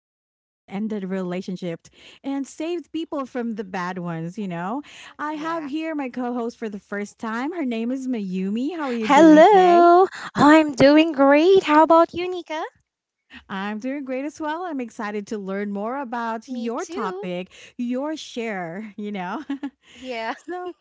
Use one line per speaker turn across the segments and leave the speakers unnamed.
has ended relationships and saved people from the bad ones, you know? I have
Yeah.
here my co host for the first time. Her name is Mayumi. How are you doing today?
Hello. I'm doing great. How about you, Nika?
I'm doing great as well. I'm excited to learn more about
Me
your
too.
topic, your share, you know?
Yeah,
So,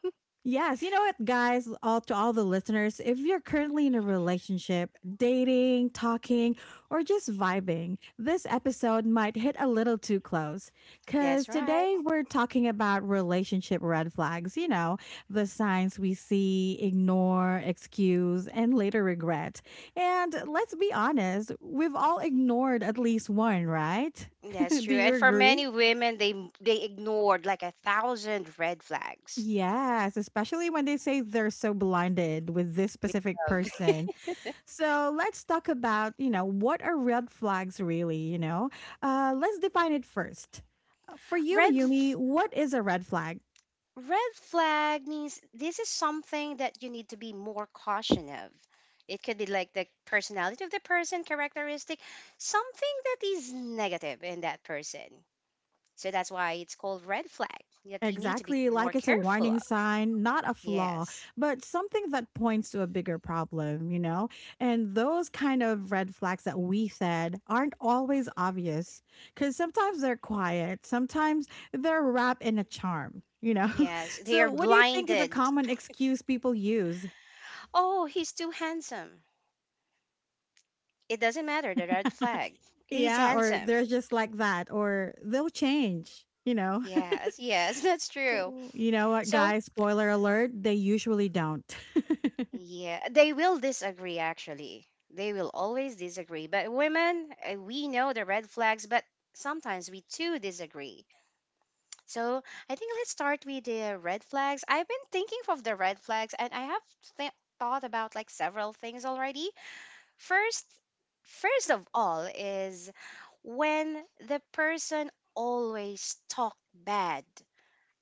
yes, you know what, guys, all to all the listeners, if you're currently in a relationship, dating, talking, or just vibing, this episode might hit a little too close. Because
that's right.
today we're talking about relationship red flags, you know, the signs we see, ignore, excuse, and later regret. And let's be honest, we've all ignored at least one, right?
That's
Do
true.
you
And for
agree?
many women, they ignored like a thousand red flags.
Yes, especially when they say they're so blinded with this
We
specific
love.
person. So let's talk about, you know, what are red flags really, you know? Let's define it first. For you,
Red
Mayumi,
f-
what is a red flag?
red flag means this is something that you need to be more caution of. It could be like the personality of the person, characteristic, something that is negative in that person. So that's why it's called red flag that you need to be
Exactly,
more
like it's a
careful
warning
of.
sign, not a flaw,
Yes.
but something that points to a bigger problem, you know? And those kind of red flags that we said aren't always obvious because sometimes they're quiet, sometimes they're wrapped in a charm, you know?
Yes. They are
So, what do you think is a
blinded.
common excuse people use?
Oh, he's too handsome. It doesn't matter the red flag. He's
Yeah, or
handsome.
they're just like that, or they'll change, you know?
Yes. Yes. That's true.
You know what,
So,
guys? Spoiler alert, they usually don't.
yeah, they will disagree actually. They will always disagree. But women, we know the red flags, but sometimes we too disagree. So I think let's start with the red flags. I've been thinking of the red flags, and I have th- thought about like several things already. First, first of all, is when the person always talk bad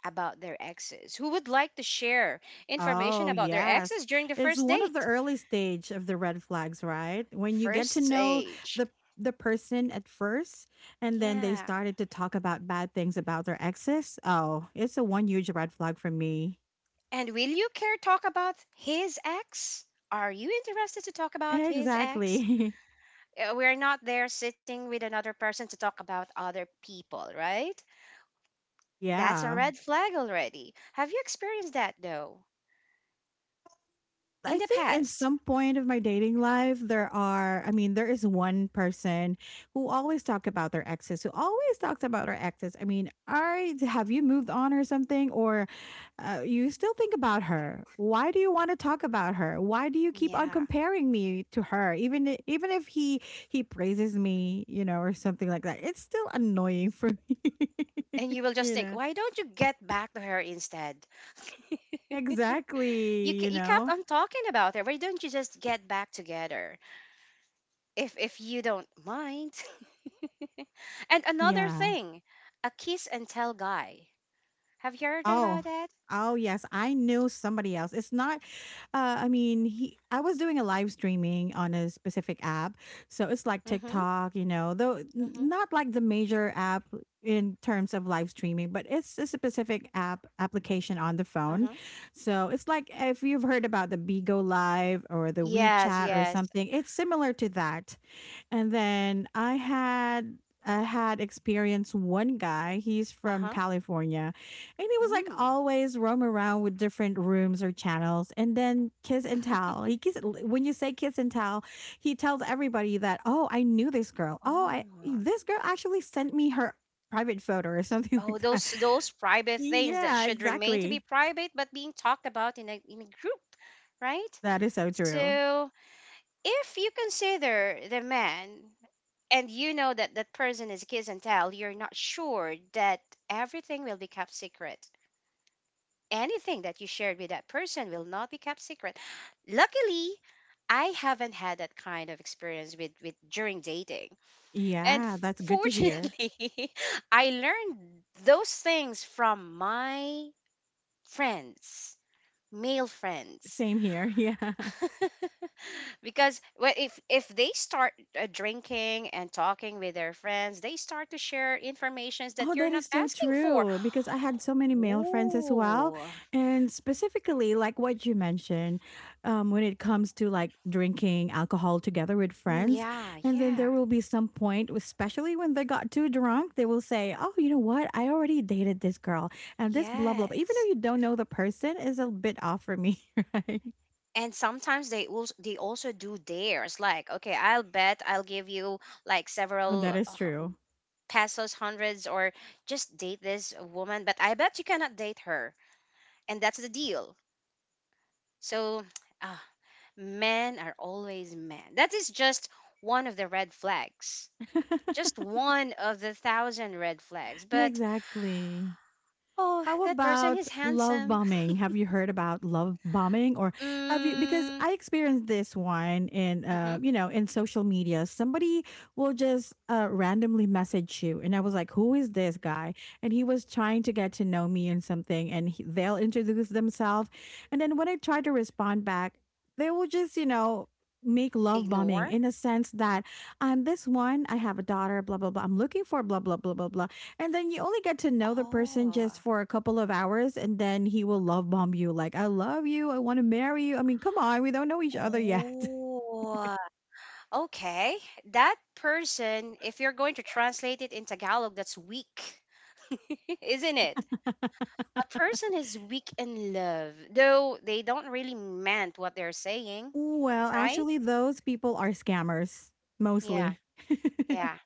about their exes. Who would like to share information
Oh,
about their
yes.
exes during the
It's
first
one of the
date?
early stage of the red flags, right? When you get to
First
know
stage.
the the person at first and then they
Yeah.
started to talk about bad things about their exes. Oh, it's a one huge red flag for me.
And will you care talk about his ex? Are you interested to talk about his ex?
Exactly.
We're not there sitting with another person to talk about other people, right? That's a
Yeah.
red flag already. Have you experienced that though in
I
the
think in
past?
some point of my dating life, I mean, there is one person who always talk about their exes, who always talks about her exes. I mean, have you moved on or something? Or you still think about her? Why do you want to talk about her? Why do you keep on
Yeah.
comparing me to her? Even if he praises me, you know, or something like that, it's still annoying for me,
And you will just
you
think,
know?
why don't you get back to her instead? you
Exactly,
ca-
you
you kept
know?
on talking about her. Why don't you just get back together if you don't mind? and another
Yeah.
thing, a kiss and tell guy. Have you heard about
Oh.
that?
Oh, yes. I knew somebody else. It's not, I mean, I was doing a live streaming on a specific app. So it's like
Mm-hmm.
TikTok, you know, though
Mm-hmm.
not like the major app in terms of live streaming, but it's a specific application on the phone.
Uh-huh.
So it's like if you've heard about the Bigo Live or the
Yes.
WeChat or
Yes.
something, it's similar to that. And then I had experienced one guy. He's from
Uh-huh.
California and he was like
Mm.
always roam around with different rooms or channels and then kiss and tell. He kiss When you say kiss and tell, he tells everybody that, "Oh, I knew this girl. Oh, I
Oh,
this girl actually sent me her private photo or something
oh,
like that."
those private things that
Yeah,
should remain to be
exactly.
private, but being talked about in a group, right?
That is so true.
So if you consider the man and you know that that person is kiss and tell, you're not sure that everything will be kept secret. Anything that you shared with that person will not be kept secret. Luckily, I haven't had that kind of experience with during dating. And
Yeah, that's good to hear.
fortunately, I learned those things from my friends, male friends,
Same here. Yeah.
because well, if they start drinking and talking with their friends, they start to share informations that
Oh,
you're
that is
not
so
asking for.
true because I had so many male friends as well.
Ooh,
And specifically, like what you mentioned, when it comes to like drinking alcohol together with
mm,
friends.
yeah,
And then there
yeah,
will be some point, especially when they got too drunk, they will say, oh, you know what? I already dated this girl and this blah, blah, blah. Even
yes.
though you don't know, the person is a bit off for me, right?
And sometimes they also do dares like, okay, I'll give you like
Oh, that
several.
is
uh,
true.
pesos, hundreds, or just date this woman, but I bet you cannot date her. And that's the deal. So, ah, men are always men. That is just one of the red flags. Just one of the thousand red flags. But,
Exactly.
oh,
How
that person
about
is
love
handsome.
bombing? Have you heard about love bombing or have you because
Mm,
I experienced this one in
hmm.
you know in social media. Somebody will just randomly message you and I was like, "Who is this guy?" And he was trying to get to know me and something and they'll introduce themselves. And then when I try to respond back, they will just, you know, make love bombing
Ignore?
in a sense that I'm this one, I have a daughter, blah blah blah. I'm looking for blah blah blah blah blah and then you only get to know the person just
Oh.
for a couple of hours, and then he will love bomb you. Like, I love you. I want to marry you. I mean, come on. We don't know each other yet.
Oh. Okay. That person, if you're going to translate it in Tagalog, that's weak. Isn't it? A person is weak in love, though they don't really meant what they're saying,
Well,
right?
actually, those people are scammers
Yeah,
mostly.
yeah,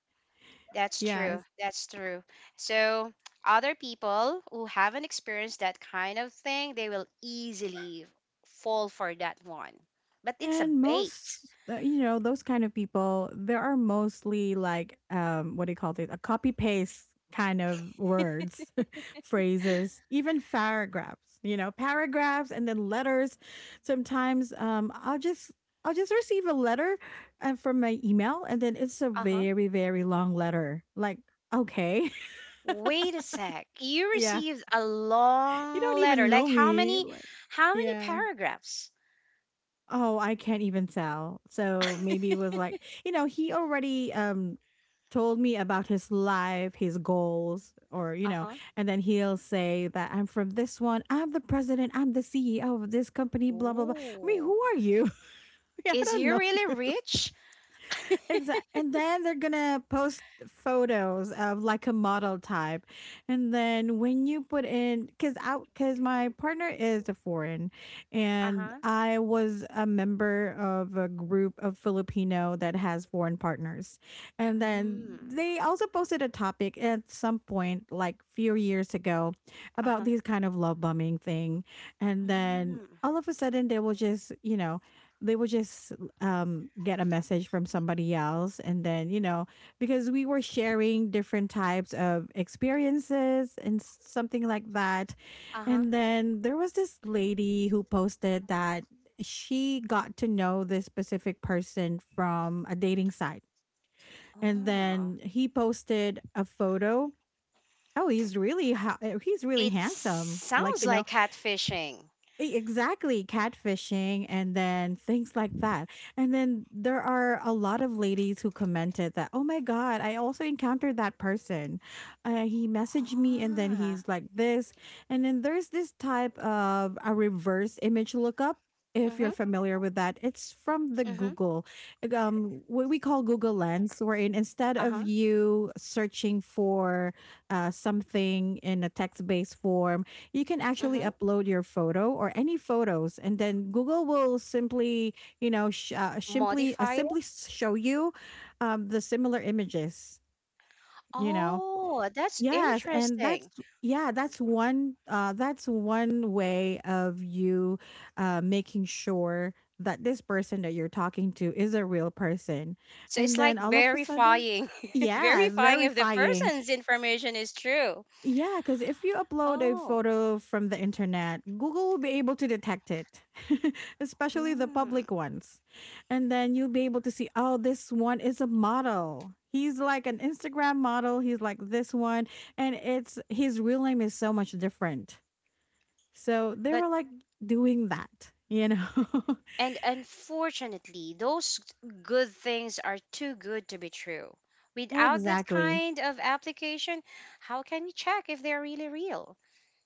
that's
Yes.
true. That's true. So, other people who haven't experienced that kind of thing, they will easily fall for that one. But it's a
And
bait.
most, you know, those kind of people, there are mostly like, what do you call it? A copy paste kind of words, phrases, even paragraphs, you know, paragraphs and then letters. Sometimes I'll just receive a letter from my email and then it's a
Uh huh.
very, very long letter. Like, okay.
Wait a sec. You
yeah.
received a
You don't
long letter.
even
Like
know me. Like,
how many
yeah.
paragraphs?
Oh, I can't even tell. So maybe it was like, you know, he already told me about his life, his goals, or you
Uh
know,
huh.
and then he'll say that I'm from this one, I'm the president, I'm the CEO of this company, blah blah blah. I mean,
Oh,
who are you? I
is
don't
he
know.
really rich?
Exactly. And then they're going to post photos of like a model type. And then when you put in cuz out, cuz my partner is a foreign
Uh
and
huh.
I was a member of a group of Filipino that has foreign partners. And then
Mm.
they also posted a topic at some point like few years ago about
Uh-huh.
these kind of love bombing thing. And then
Mm.
all of a sudden they will just, you know, they will just get a message from somebody else and then you know because we were sharing different types of experiences and something like that
Uh-huh.
and then there was this lady who posted that she got to know this specific person from a dating site and
Oh.
then he posted a photo. Oh, he's really
It
handsome, like,
sounds
you know.
like catfishing.
Exactly, catfishing and then things like that. And then there are a lot of ladies who commented that, oh my God, I also encountered that person. He messaged me and then
Ah.
he's like this. And then there's this type of a reverse image lookup. If you're
Mm-hmm.
familiar with that, it's from the
Mm-hmm.
Google, what we call Google Lens, wherein instead of
Uh-huh.
you searching for something in a text based form, you can actually
Mm-hmm.
upload your photo or any photos and then Google will simply
Modify it?
show you the similar images, you know.
Oh, that's
Yes, and that's
interesting.
yeah that's one uh, that's one way of you making sure that this person that you're talking to is a real person
So
and
it's like
then all of a sudden.
verifying,
Yes,
verifying if the
verifying.
person's information is true.
Yeah, because if you upload a
Oh.
photo from the internet, Google will be able to detect it, especially the
Mm.
public ones. And then you'll be able to see, oh, this one is a model. He's like an Instagram model. He's like this one. And it's his real name is so much different. So they
But.
were like doing that, you know?
And unfortunately, those good things are too good to be true. Without that
Exactly.
kind of application, how can we check if they're really real?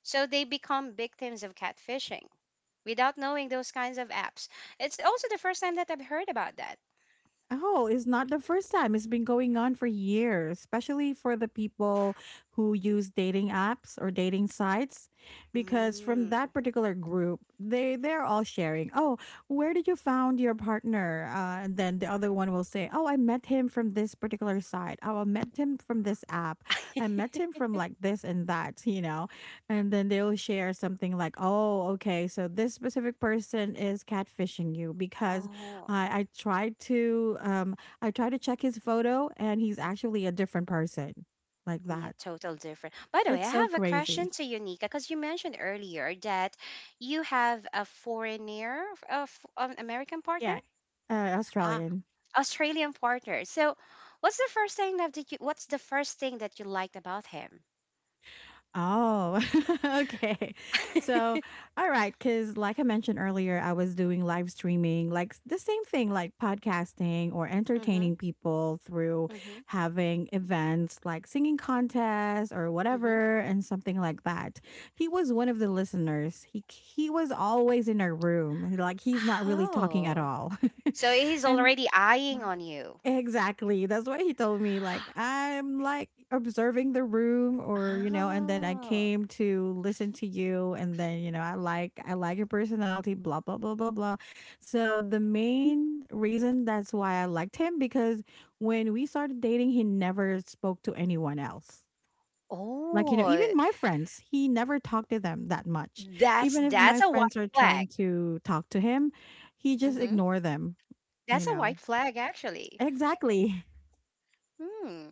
So they become victims of catfishing without knowing those kinds of apps. It's also the first time that I've heard about that.
Oh, it's not the first time. It's been going on for years, especially for the people who use dating apps or dating sites, because from
Mm,
that particular group, they're all sharing. Oh, where did you found your partner? And then the other one will say, oh, I met him from this particular site. Oh, I met him from this app. I met him from like this and that, you know. And then they'll share something like, oh, okay, so this specific person is catfishing you because
oh,
I I tried to um I tried to check his photo and he's actually a different person like
yeah,
that.
total different. By the way,
It's
I
so
have a
crazy.
question to you, Nika, because you mentioned earlier that you have a foreigner, of an American partner.
Yeah.
Ah,
Australian.
Australian partner. So, what's the first thing that did you? What's the first thing that you liked about him?
Oh, okay. So, all right, because like I mentioned earlier, I was doing live streaming, like the same thing, like podcasting or
mhm.
entertaining people through
Mhm.
having events like singing contests or
Mhm.
whatever, and something like that. He was one of the listeners. He was always in a room, like he's not really talking at
Oh,
all,
so he's
and.
already eyeing on you.
Exactly. That's what he told me. Like, I'm like observing the room or, you know, and then I
Oh.
came to listen to you and then, you know, I like your personality, blah blah blah blah blah. So the main reason that's why I liked him because when we started dating, he never spoke to anyone else. Like, you know,
Oh,
even my friends, he never talked to them that much. Even if
that's
my
a white
friends are trying
flag.
to talk to him, he just
Mhm.
ignore them, you
That's a
know.
white flag, actually.
Exactly.
Hmm.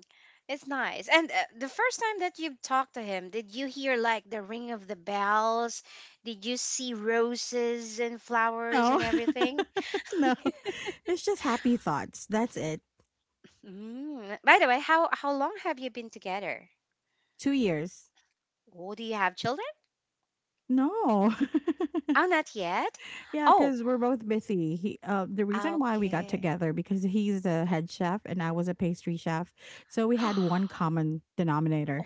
It's nice. And the first time that you talked to him, did you hear like the ring of the bells? Did you see roses and flowers
No.
and everything?
No. It's just happy thoughts. That's it.
Mm. By the way, how long have you been together?
2 years.
Oh, do you have children?
No.
Oh, not yet.
yeah,
Oh,
cuz we're both busy. He the reason why we got
okay.
together because he's the head chef and I was a pastry chef. So we had one common denominator.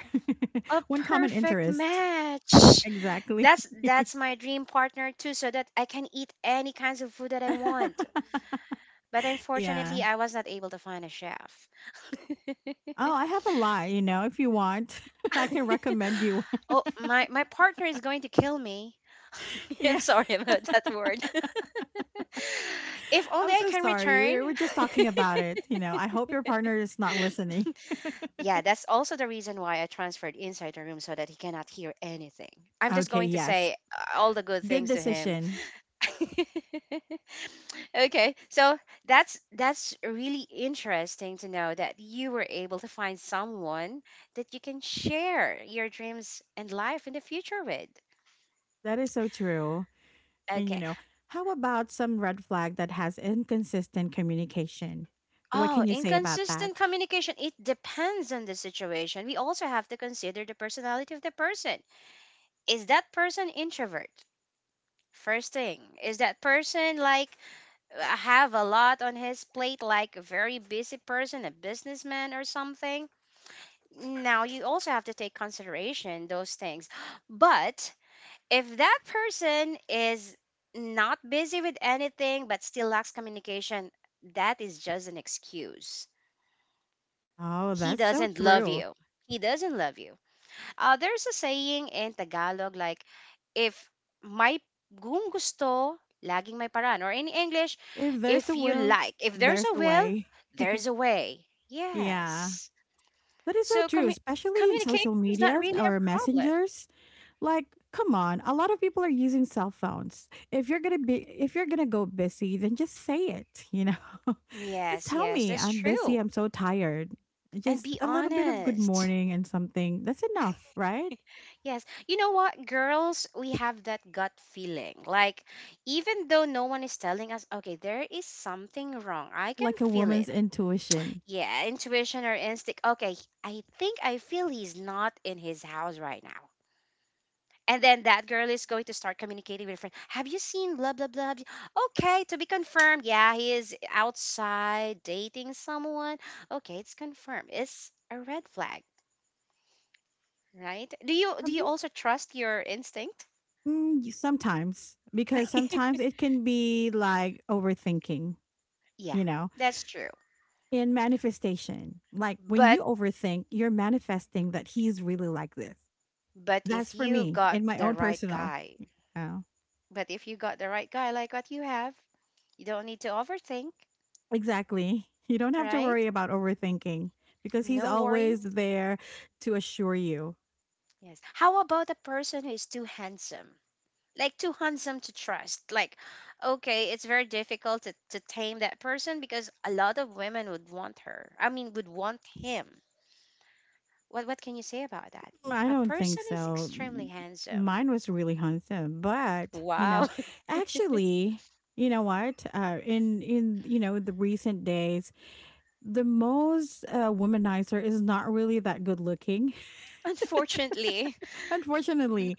A
One common
perfect
interest.
match.
Exactly.
That's my dream partner too, so that I can eat any kinds of food that I want. But unfortunately,
Yeah.
I was not able to find a chef.
Oh, I have a lot, you know, if you want. I can recommend you.
Oh, my partner is going to kill me. I'm
Yeah.
sorry about that word. If only
I'm
I
so
can
sorry.
return.
We're just talking about it. You know, I hope your partner is not listening.
Yeah, that's also the reason why I transferred inside the room so that he cannot hear anything. I'm just
Okay,
going to
yes.
say all the good
Good
things to him.
decision.
okay, so that's really interesting to know that you were able to find someone that you can share your dreams and life in the future with.
That is so true. And, you
Okay.
know, how about some red flag that has inconsistent communication? What
Oh,
can you say about
inconsistent
that?
communication. It depends on the situation. We also have to consider the personality of the person. Is that person introvert? First thing, is that person like have a lot on his plate, like a very busy person, a businessman or something? Now you also have to take consideration those things. But if that person is not busy with anything but still lacks communication, that is just an excuse.
Oh,
He
that's so
doesn't love
true.
you. He doesn't love you. There's a saying in Tagalog like, if may kung gusto, laging may paraan. Or in English,
If there's
if
a
you
will,
like, if there's
there's
a
a
will,
way.
there's a way.
Yeah.
Yes.
That is so
So
true, especially in social
communication is not
medias
really a
or
problem.
messengers. Like, come on. A lot of people are using cell phones. If you're going to be if you're going to go busy, then just say it, you know. Just
Yes,
tell
yes,
me,
that's
I'm busy,
true.
I'm so tired.
And
Just
be
a little bit of good
honest.
morning and something. That's enough, right?
Yes. You know what, girls, we have that gut feeling. Like, even though no one is telling us, okay, there is something wrong, I can
Like a
feel
woman's
it.
intuition.
Yeah, intuition or instinct. Okay, I think I feel he's not in his house right now. And then that girl is going to start communicating with her friend. Have you seen blah blah blah? Have you-" Okay, to be confirmed. Yeah, he is outside dating someone. Okay, it's confirmed. It's a red flag, right? Do you do
Have
you
you
also trust your instinct?
Mm, y- Sometimes because sometimes it can be like overthinking,
Yeah,
you know,
that's true.
in manifestation. Like when
But
you overthink, you're manifesting that he's really like this.
but
That's
if
for
you
me
got
in my
the
own
right
personal.
guy,
Yeah,
but if you got the right guy like what you have, you don't need to overthink,
exactly. You don't have to
right?
worry about overthinking because he's
No
always
worries.
there to assure you.
Yes. How about a person who is too handsome? Like too handsome to trust. Like, okay, it's very difficult to tame that person because a lot of women would want her. I mean, would want him. What can you say about that?
I
A
don't think
person is
so.
extremely handsome.
Mine was really handsome, but you
Wow.
know, actually, you know what? In you know the recent days, the most womanizer is not really that good looking,
unfortunately.
unfortunately.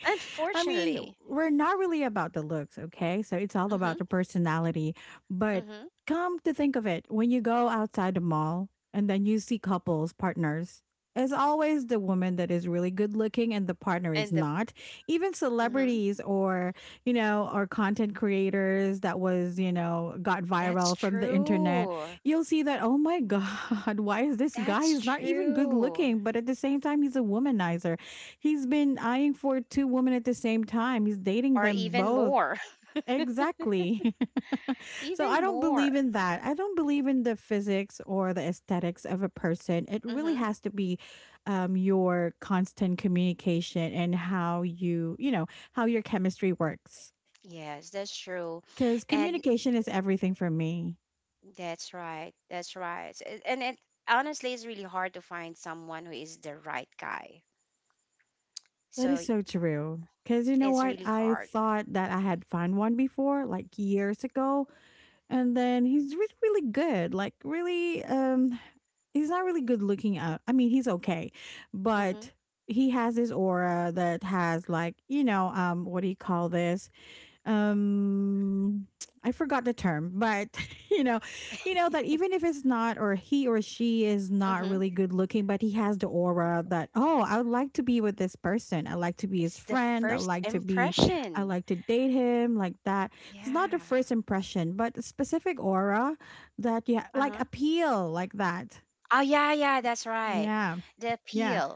I mean,
Unfortunately.
we're not really about the looks, okay? So it's all about
Mhm.
the personality. But
Mhm.
come to think of it, when you go outside the mall and then you see couples, partners, it's always the woman that is really good looking and the partner is
And the
not. Even
mhm.
celebrities or, you know, or content creators that was, you know, got
That's
viral from the internet,
true.
you'll see that, oh my God, why is this guy?
That's
He's not even good
true.
looking, but at the same time, he's a womanizer. He's been eyeing for two women at the same time. He's dating
Or
them
even
both.
more.
Exactly. So
even
I don't
more.
believe in that. I don't believe in the physics or the aesthetics of a person. It really
Mm-hmm.
has to be your constant communication and how you, you know, how your chemistry works.
Yes, that's true.
Because
And
communication is everything for me.
that's right. That's right. And it honestly it's really hard to find someone who is the right guy.
That
So
is so true. Because you know
it's
what?
really
I
hard.
thought that I had found one before, like years ago and then he's really good, like really, he's not really good looking out, I mean, he's okay,
Mhm.
but he has this aura that has like, you know, what do you call this, um I forgot the term, but you know, you know that even if it's not, or he or she is not
Mhm.
really good looking, but he has the aura that, oh, I would like to be with this person, I like to be his
It's the
friend, I
first
like to be, I
impression.
like to date him, like that. It's not the
Yeah.
first impression but a specific aura that, yeah,
Uh-huh.
like appeal, like that.
Oh yeah, yeah, that's right.
Yeah.
The
Yeah.
appeal.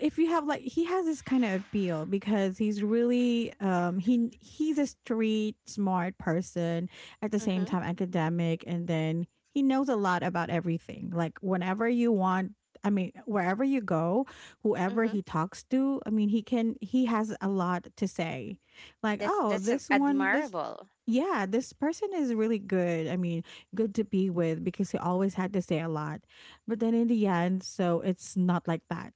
If you have like, he has this kind of appeal because he's really, he's a street smart person, at the same
Mhm.
time academic, and then he knows a lot about everything, like whenever you want, I mean wherever you go, whoever
Mhm.
he talks to, I mean he can, he has a lot to say, like, oh,
That's
this one, this,
admirable.
yeah, this person is really good. I mean, good to be with because he always had to say a lot. But then in the end, so it's not like that.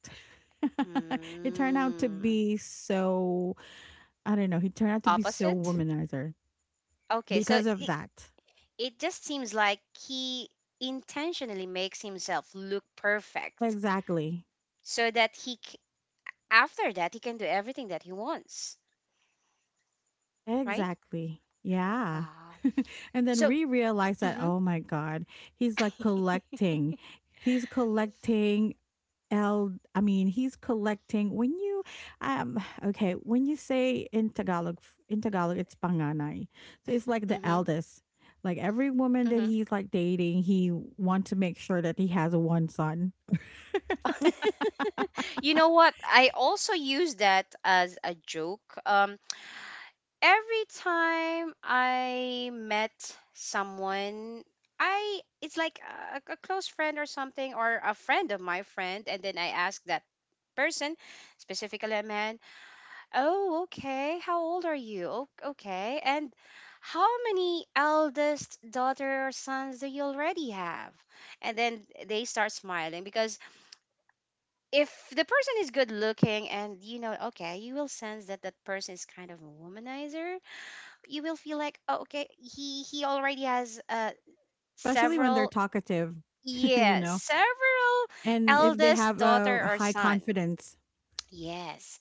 It turned out to
Mm.
be so, I don't know, he turned out to be so
Opposite?
womanizer
Okay,
because of that.
it just seems like he intentionally makes himself look perfect
Exactly.
so that after that, he can do everything that he wants, right?
Exactly. Yeah.
Ah,
And then
so,
we realized that,
hmm
oh my god, he's like collecting. He's collecting El, I mean, he's collecting when you, um, okay, when you say in Tagalog, it's panganay, so it's like the
hmm
eldest. Like every woman that
hmm,
he's like dating, he wants to make sure that he has one son.
you know what? I also use that as a joke. Every time I met someone, I it's like a close friend or something, or a friend of my friend, and then I ask that person, specifically a man. Oh, okay. How old are you? Okay. And how many eldest daughter or sons do you already have? And then they start smiling because if the person is good looking and you know, okay, you will sense that that person is kind of a womanizer. You will feel like, oh, okay, he already has
Especially when they're
several,
talkative, you
yes,
know,
several
and if they
eldest
have a
daughter or
high
son.
confidence.
Yes.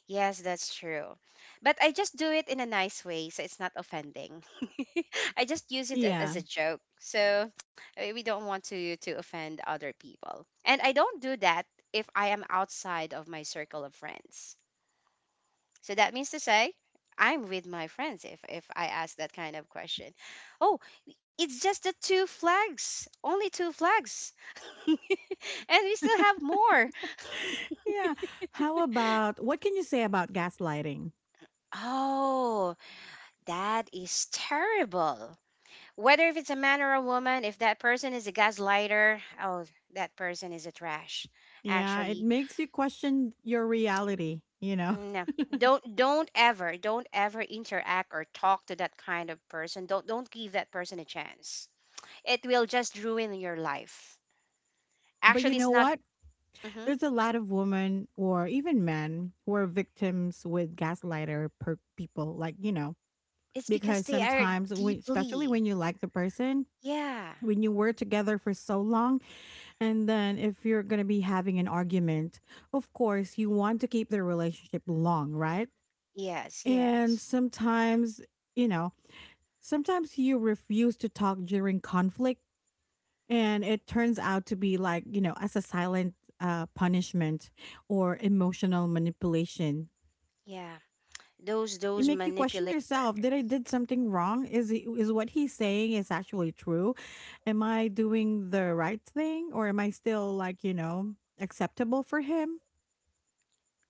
Yes, that's true. But I just do it in a nice way, so it's not offending. I just use as
Yeah.
a joke. So we don't want to offend other people. And I don't do that if I am outside of my circle of friends. So that means to say I'm with my friends if I ask that kind of question. Oh, it's just the two flags. Only two flags. and we still have more.
Yeah. How about, what can you say about gaslighting?
Oh, that is terrible. Whether if it's a man or a woman, if that person is a gaslighter, oh, that person is a trash.
Yeah, it
Actually,
makes you question your reality, you know.
no. Don't ever interact or talk to that kind of person. Don't give that person a chance. It will just ruin your life.
But you
Actually, it's
know
not.
what?
hmm
There's a lot of women or even men who are victims with people. Like, you know,
It's because
because
they are
sometimes, when, especially when
deeply.
you like the person,
Yeah.
when you were together for so long, and then if you're going to be having an argument, of course, you want to keep the relationship long, right?
Yes.
And
Yes.
sometimes, you know, sometimes you refuse to talk during conflict. And it turns out to be like, you know, as a silent punishment or emotional manipulation.
Yeah. Those
It
those
make you question
manipulative
yourself. Did I did something wrong? Is he, is what he's saying is actually true? Am I doing the right thing, or am I still like, you know, acceptable for him?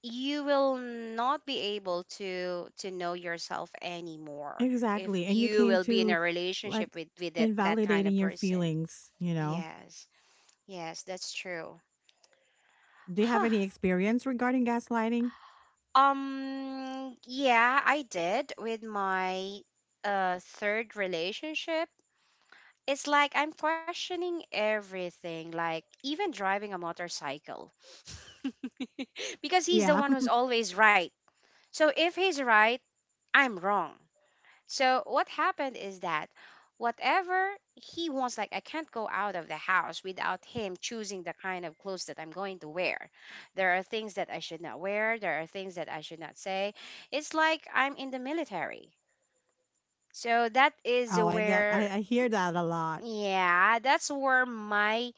you will not be able to know yourself anymore if
Exactly. And you
you
came
will be in
to
a
like
relationship with that kind
invalidating
of
your
person.
feelings, you know.
Yes, yes, that's true.
Do you have
huh
any experience regarding gaslighting?
yeah, I did with my third relationship. It's like I'm questioning everything, like even driving a motorcycle because he's the
Yeah.
one who's always right. So if he's right, I'm wrong. So what happened is that whatever he wants, like I can't go out of the house without him choosing the kind of clothes that I'm going to wear. There are things that I should not wear. There are things that I should not say. It's like I'm in the military. So that is
Oh, I get,
where,
I hear that a lot.
yeah, that's where my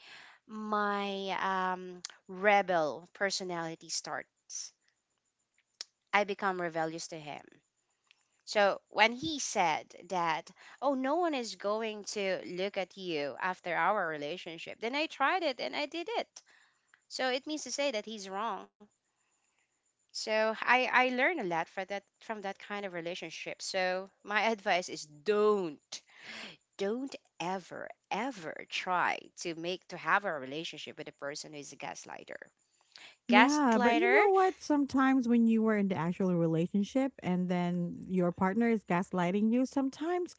my um, rebel personality starts. I become rebellious to him. So when he said that, oh, no one is going to look at you after our relationship, then I tried it and I did it. So it means to say that he's wrong. So I learned a lot for that from that kind of relationship. So my advice is don't ever ever try to make to have a relationship with a person who is a gaslighter.
Yeah, but
Gaslighter,
you know what? Sometimes when you were in the actual relationship and then your partner is gaslighting you, sometimes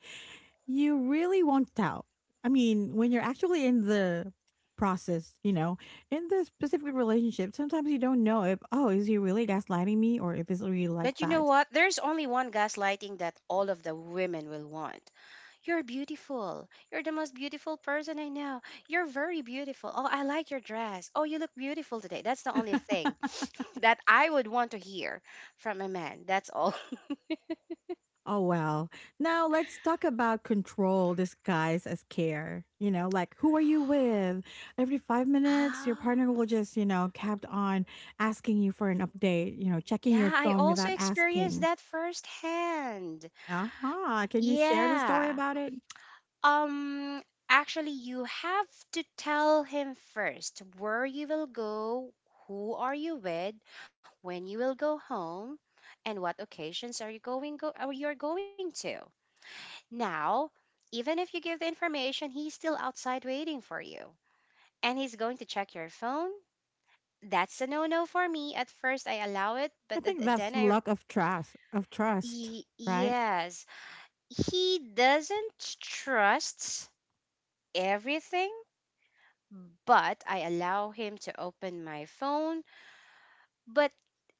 you really won't tell. I mean, when you're actually in the process, you know, in the specific relationship, sometimes you don't know if, oh, is he really gaslighting me or if it's really like
but you know
that.
what? There's only one gaslighting that all of the women will want. You're beautiful. You're the most beautiful person I know. You're very beautiful. Oh, I like your dress. Oh, you look beautiful today. That's the only thing that I would want to hear from a man. That's all.
Oh, wow. Now let's talk about control disguised as care. You know, like, who are you with? Every 5 minutes, your
Oh,
partner will just, you know, kept on asking you for an update, you know, checking your
yeah, I
phone
also
without
experienced
asking.
that firsthand.
Uh-huh. Can you share the story
Yeah.
about it?
Um, actually, you have to tell him first where you will go, who are you with, when you will go home, and what occasions are you going to? Now, even if you give the information, he's still outside waiting for you. And he's going to check your phone. That's a no no for me. At first, I allow it,
I
but
think that's
then I.
lack of trust,
Y-
right?
yes. He doesn't trust everything, but I allow him to open my phone. But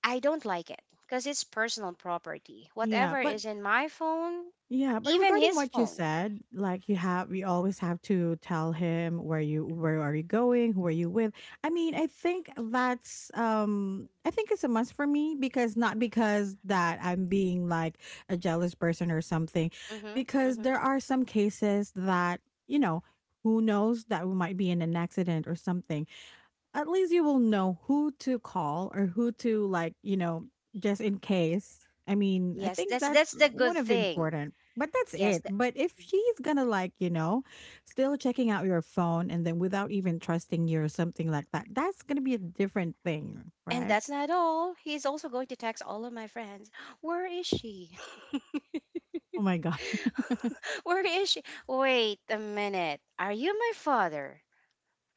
I don't like it because it's personal property.
Yeah.
Whatever
But,
is in my phone,
yeah, but
even
regarding
his
what you
phone.
said, like you have, you always have to tell him where you, where are you going, who are you with. I mean, I think that's I think it's a must for me because not because that I'm being like a jealous person or something,
Mm-hmm, mm-hmm.
because there are some cases that, you know, who knows that we might be in an accident or something. At least you will know who to call or who to like, you know, just in case. I mean, I
Yes, that's
think that's
the good
one of
thing.
important. But that's
Yes, th-
it. But if she's gonna like, you know, still checking out your phone and then without even trusting you or something like that, that's gonna be a different thing,
and
right?
that's not all. He's also going to text all of my friends. Where is she?
Oh my god.
Where is she? Wait a minute. Are you my father?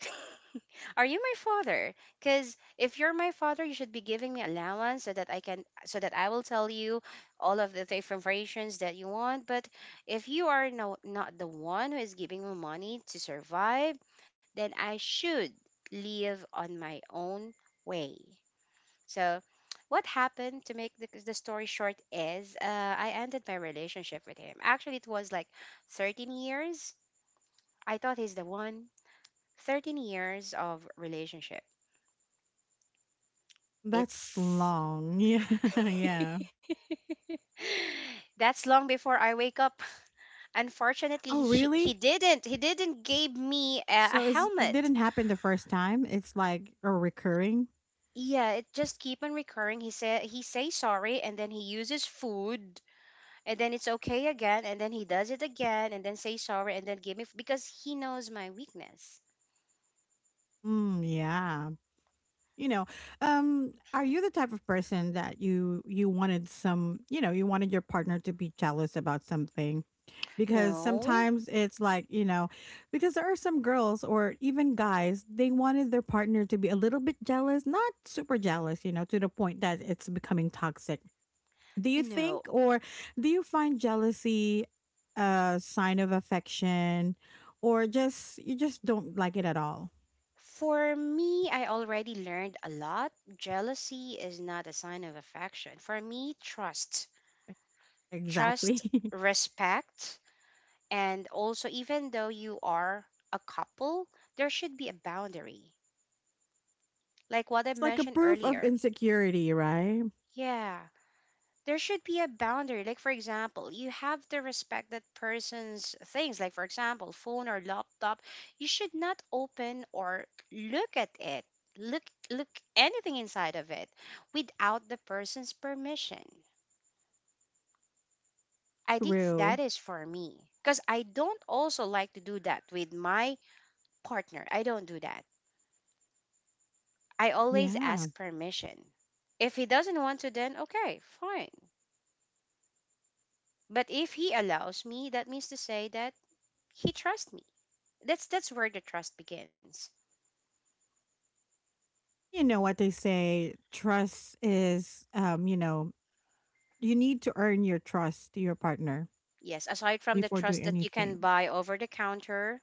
Are you my father? Because if you're my father, you should be giving me allowance so that I will tell you all of the informations that you want. But if you are no, not the one who is giving me money to survive, then I should live on my own way. So, what happened to make the story short is I ended my relationship with him. Actually, it was like 13 years. I thought he's the one. 13 years of relationship.
That's
It's
long. Yeah, yeah.
that's long before I wake up. Unfortunately,
Oh,
he
really?
didn't. He didn't give me a
So it's, it
helmet.
didn't happen the first time. It's like a recurring.
Yeah, it just keep on recurring. He said he say sorry, and then he uses food and then it's okay again, and then he does it again and then say sorry and then give me because he knows my weakness.
Mm, yeah. You know, are you the type of person that you wanted some, you know, you wanted your partner to be jealous about something? Because
no
sometimes it's like, you know, because there are some girls or even guys, they wanted their partner to be a little bit jealous, not super jealous, you know, to the point that it's becoming toxic. Do you think
no
or do you find jealousy a sign of affection, or just you just don't like it at all?
For me, I already learned a lot. Jealousy is not a sign of affection. For me, trust
Exactly.
trust respect, and also even though you are a couple, there should be a boundary, like what I
It's like a
mentioned
proof of
earlier.
insecurity, right?
Yeah, there should be a boundary. Like, for example, you have to respect that person's things. Like, for example, phone or laptop, you should not open or look at it. Look, look anything inside of it without the person's permission. I think
True.
that is for me because I don't also like to do that with my partner. I don't do that. I always
Yeah.
ask permission. If he doesn't want to, then okay, fine. But if he allows me, that means to say that he trusts me. That's where the trust begins.
You know what they say, trust is, you know, you need to earn your trust to your partner
Yes, aside from the
before doing
trust that you
anything.
can buy over the counter,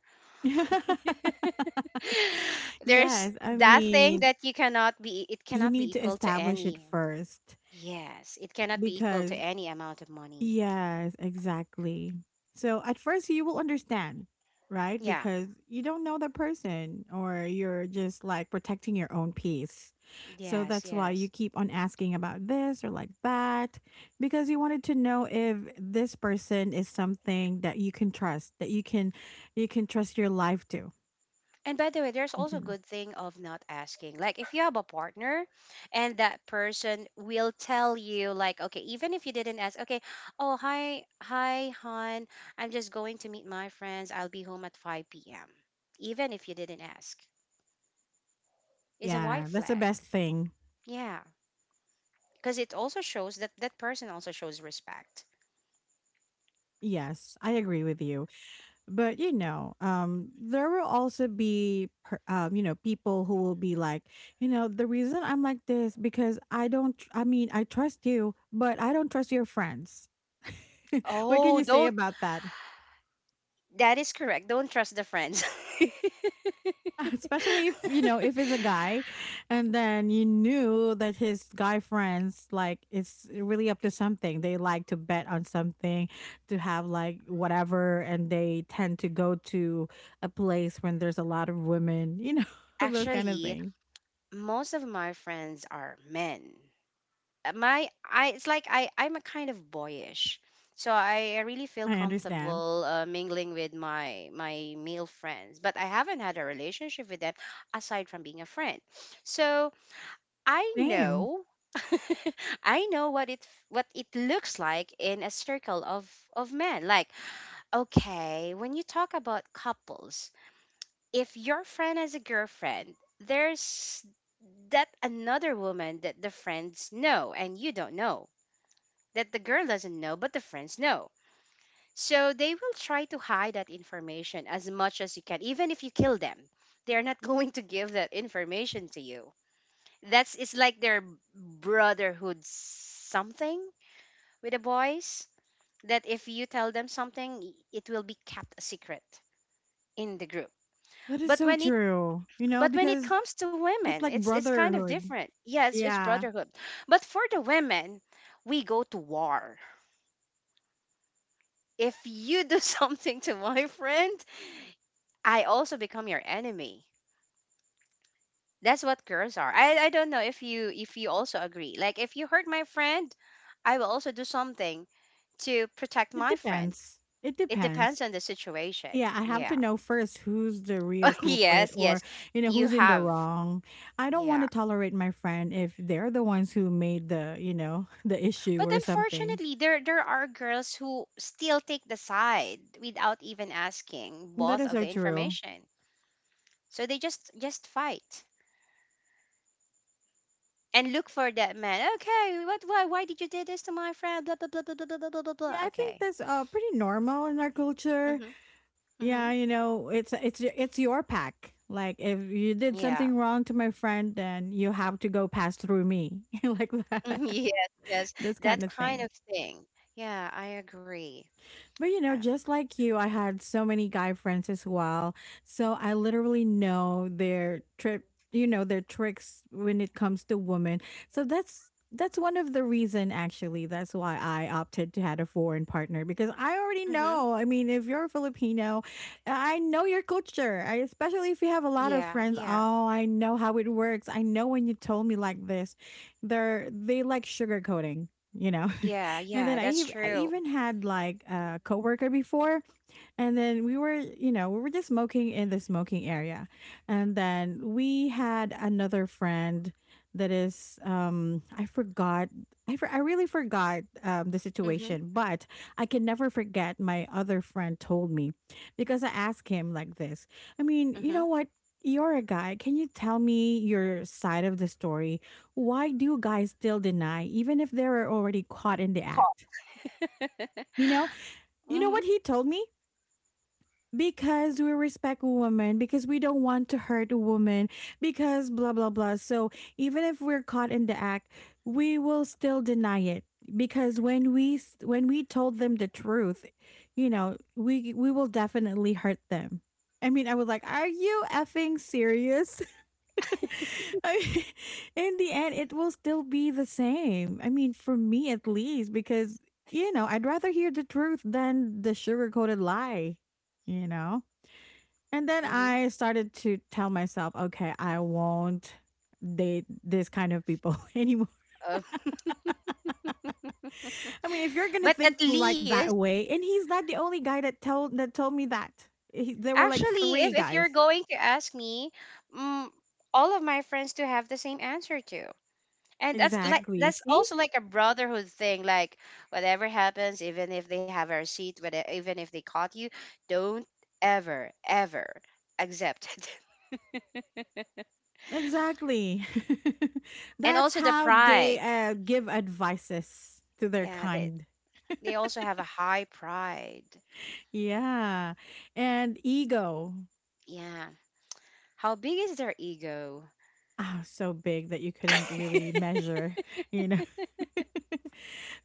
there's
Yes, I
that thing
mean,
that you cannot be it
you
cannot be
need to
equal to
establish it
any.
first
Yes, it cannot be equal to
because,
any amount of money.
yes, exactly. So at first you will understand, right?
Yeah.
Because you don't know the person, or you're just like protecting your own peace. So
Yes,
that's why you
yes.
keep on asking about this or like that, because you wanted to know if this person is something that you can trust, that you can trust your life to.
And by the way, there's
You
also
know.
good thing of not asking. Like if you have a partner and that person will tell you, like, okay, even if you didn't ask, okay, oh, hi, hon, I'm just going to meet my friends. I'll be home at 5 p.m. Even if you didn't ask. Is a white
Yeah, that's the
flag.
best thing.
Yeah. Because it also shows that that person also shows respect.
Yes, I agree with you. But you know, there will also be, you know, people who will be like, you know, the reason I'm like this because I don't. Tr- I mean, I trust you, but I don't trust your friends. What can
Oh,
you say
don't,
about that?
that is correct. Don't trust the friends.
Especially if you know, if it's a guy and then you knew that his guy friends, like it's really up to something, they like to bet on something, to have like whatever, and they tend to go to a place when there's a lot of women, you know. Those kind of
Actually,
thing.
most of my friends are men. My I It's like I I'm a kind of boyish. So I really feel
I understand.
comfortable mingling with my male friends, but I haven't had a relationship with them aside from being a friend. So I
Same.
know I know what it looks like in a circle of men. Like, okay, when you talk about couples, if your friend has a girlfriend, there's that another woman that the friends know and you don't know, that the girl doesn't know, but the friends know. So they will try to hide that information as much as you can, even if you kill them. They're not going to give that information to you. That's, it's like their brotherhood something with the boys, that if you tell them something, it will be kept a secret in the group.
That is
But
so
when it
true. You know,
but when it
because
comes to
it's
women,
like
it's kind of
brotherhood.
different. Yes, it's
Yeah,
brotherhood. But for the women, we go to war. If you do something to my friend, I also become your enemy. That's what girls are. I don't know if you also agree. Like if you hurt my friend, I will also do something to protect
it
my friend.
depends it
It depends
depends
on the situation.
Yeah, I have to
Yeah.
know first who's the real culprit,
Yes,
or,
yes.
you know,
You
who's in the
have
wrong. I don't want
yeah.
to tolerate my friend if they're the ones who made the, you know, the issue
But
or something.
unfortunately, there are girls who still take the side without even asking
That
both
is
of
so
the
true.
information. So they just fight and look for that man. Okay, what? Why? Why did you do this to my friend? Blah blah blah blah blah blah blah blah
Yeah,
blah.
I think
Okay.
that's pretty normal in our culture.
Mhm. Mhm.
Yeah, you know, it's your pack. Like if you did
Yeah.
something wrong to my friend, then you have to go pass through me, like
Mhm,
that.
yes. Yes.
This
That
kind of
kind of
thing.
thing. Yeah, I agree.
But you
Uh,
know, just like you, I had so many guy friends as well. So I literally know their trip, you know, their tricks when it comes to women. So that's one of the reason actually. That's why I opted to had a foreign partner because I already
mhm.
know. I mean, if you're a Filipino, I know your culture. Especially if you have a lot of
Yeah.
friends,
Yeah.
oh, I know how it works. I know when you told me like this. They like sugarcoating, you know.
Yeah.
And
Yeah.
then
That's
I
true.
even had like a coworker before, and then we were just smoking in the smoking area, and then we had another friend that is, I forgot, I really forgot the
Mhm.
situation, but I can never forget my other friend told me, because I asked him like this. I mean, you
Mhm.
know what? You're a guy. Can you tell me your side of the story? Why do guys still deny, even if they were already caught in the
Call.
act? You know, you know
Mhm.
what he told me? Because we respect women, because we don't want to hurt a woman, because blah blah blah. So even if we're caught in the act, we will still deny it because when we told them the truth, you know, we will definitely hurt them. I mean, I was like, "Are you effing serious?" I mean, in the end, it will still be the same. I mean, for me at least, because, you know, I'd rather hear the truth than the sugar coated lie, you know? And then
Mhm.
I started to tell myself, okay, I won't date this kind of people anymore.
Uh,
I mean, if you're going to
but
think
at
like
least,
that way, and he's not the only guy that told me that. There were like
actually,
three
if you're
guys.
going to ask me, mm, all of my friends do have the same answer too. And that's
Exactly. See?
also like a brotherhood thing. Like whatever happens, even if they have a receipt, whether even if they caught you, don't ever ever accept it.
Exactly.
And
That's
also the
how they
pride.
give advices to their
Yeah,
kind.
they also have a high pride.
Yeah. And ego.
Yeah. How big is their ego?
Oh, so big that you couldn't really measure, you know.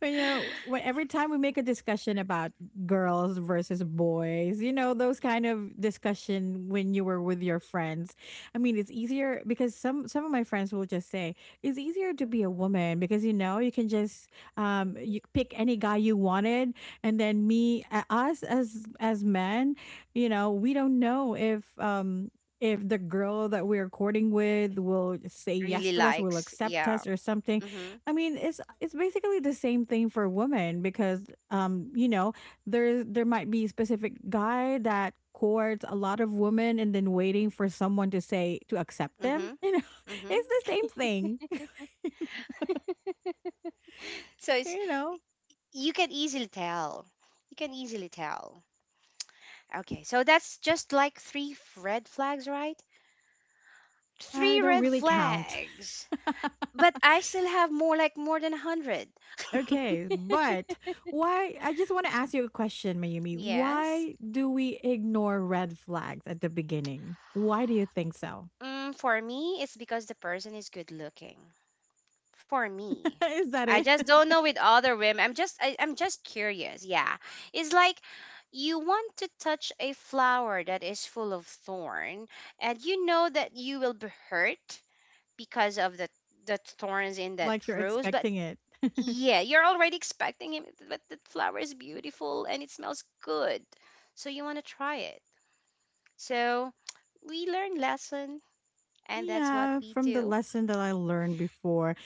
But, you know, when every time we make a discussion about girls versus boys, you know, those kind of discussion when you were with your friends. I mean, it's easier because some of my friends will just say it's easier to be a woman because you know you can just you pick any guy you wanted, and then me us as men, you know, we don't know if the girl that we're courting with will say yes
Really
to us, will
likes.
accept
Yeah.
us or something.
Mhm.
I mean, it's basically the same thing for women because you know, there might be a specific guy that courts a lot of women and then waiting for someone to say to accept them.
Mhm.
You know,
Mhm.
it's the same thing.
So it's
You know,
you can easily tell. You can easily tell. Okay, so that's just like three red flags, right?
I
Three
don't
red
really count.
flags. But I still have more, like more than a hundred.
Okay, but why? I just want to ask you a question, Mayumi.
Yes.
Why do we ignore red flags at the beginning? Why do you think so?
Mm, for me, it's because the person is good looking. For me.
Is that
I
it?
just don't know with other women. I'm just I'm just curious. Yeah. It's like you want to touch a flower that is full of thorn and you know that you will be hurt because of the thorns in that
Like you're
rose, but
expecting it?
yeah, you're already expecting it, but the flower is beautiful and it smells good. So you want to try it. So we learn lesson, and that's what
Yeah,
we
from the
do.
lesson that I learned before.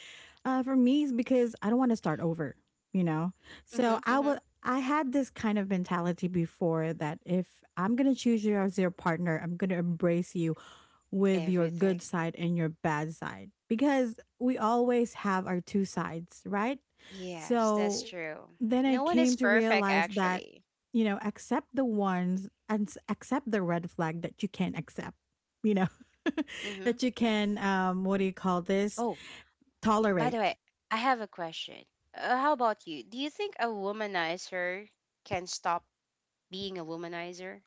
For me, it's because I don't want to start over, you know? So
hmm
I
hmm
would. I had this kind of mentality before that if I'm gonna choose you as your partner, I'm gonna embrace you with your
Everything.
good side and your bad side because we always have our two sides, right?
Yes, that's
So
true.
then I
No one
came
is
to
perfect
realize that,
actually.
you know, accept the ones and accept the red flag that you can accept, you know,
hmm
that you can, what do you call this?
Oh, by the
Tolerate.
way, I have a question. How about you? Do you think a womanizer can stop being a womanizer?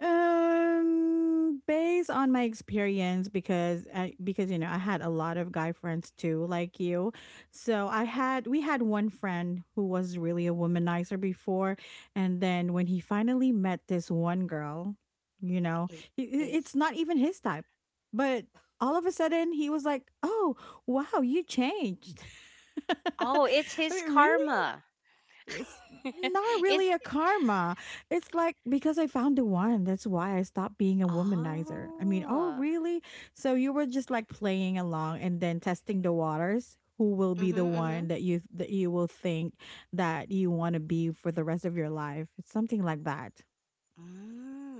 Based on my experience, because you know I had a lot of guy friends too, like you. So I had we had one friend who was really a womanizer before, and then when he finally met this one girl, you know,
Is
i- i-
is
it's not even his type, but all of a sudden he was like, "Oh, wow, you changed."
Oh, it's
I
his
mean, really?
karma.
It's not really
It's
a karma. It's like because I found the one, that's why I stopped being a womanizer. I mean, oh,
oh.
really? So you were just like playing along and then testing the waters. Who will be
Mhm,
the one
mhm.
that you will think that you want to be for the rest of your life? Something like that,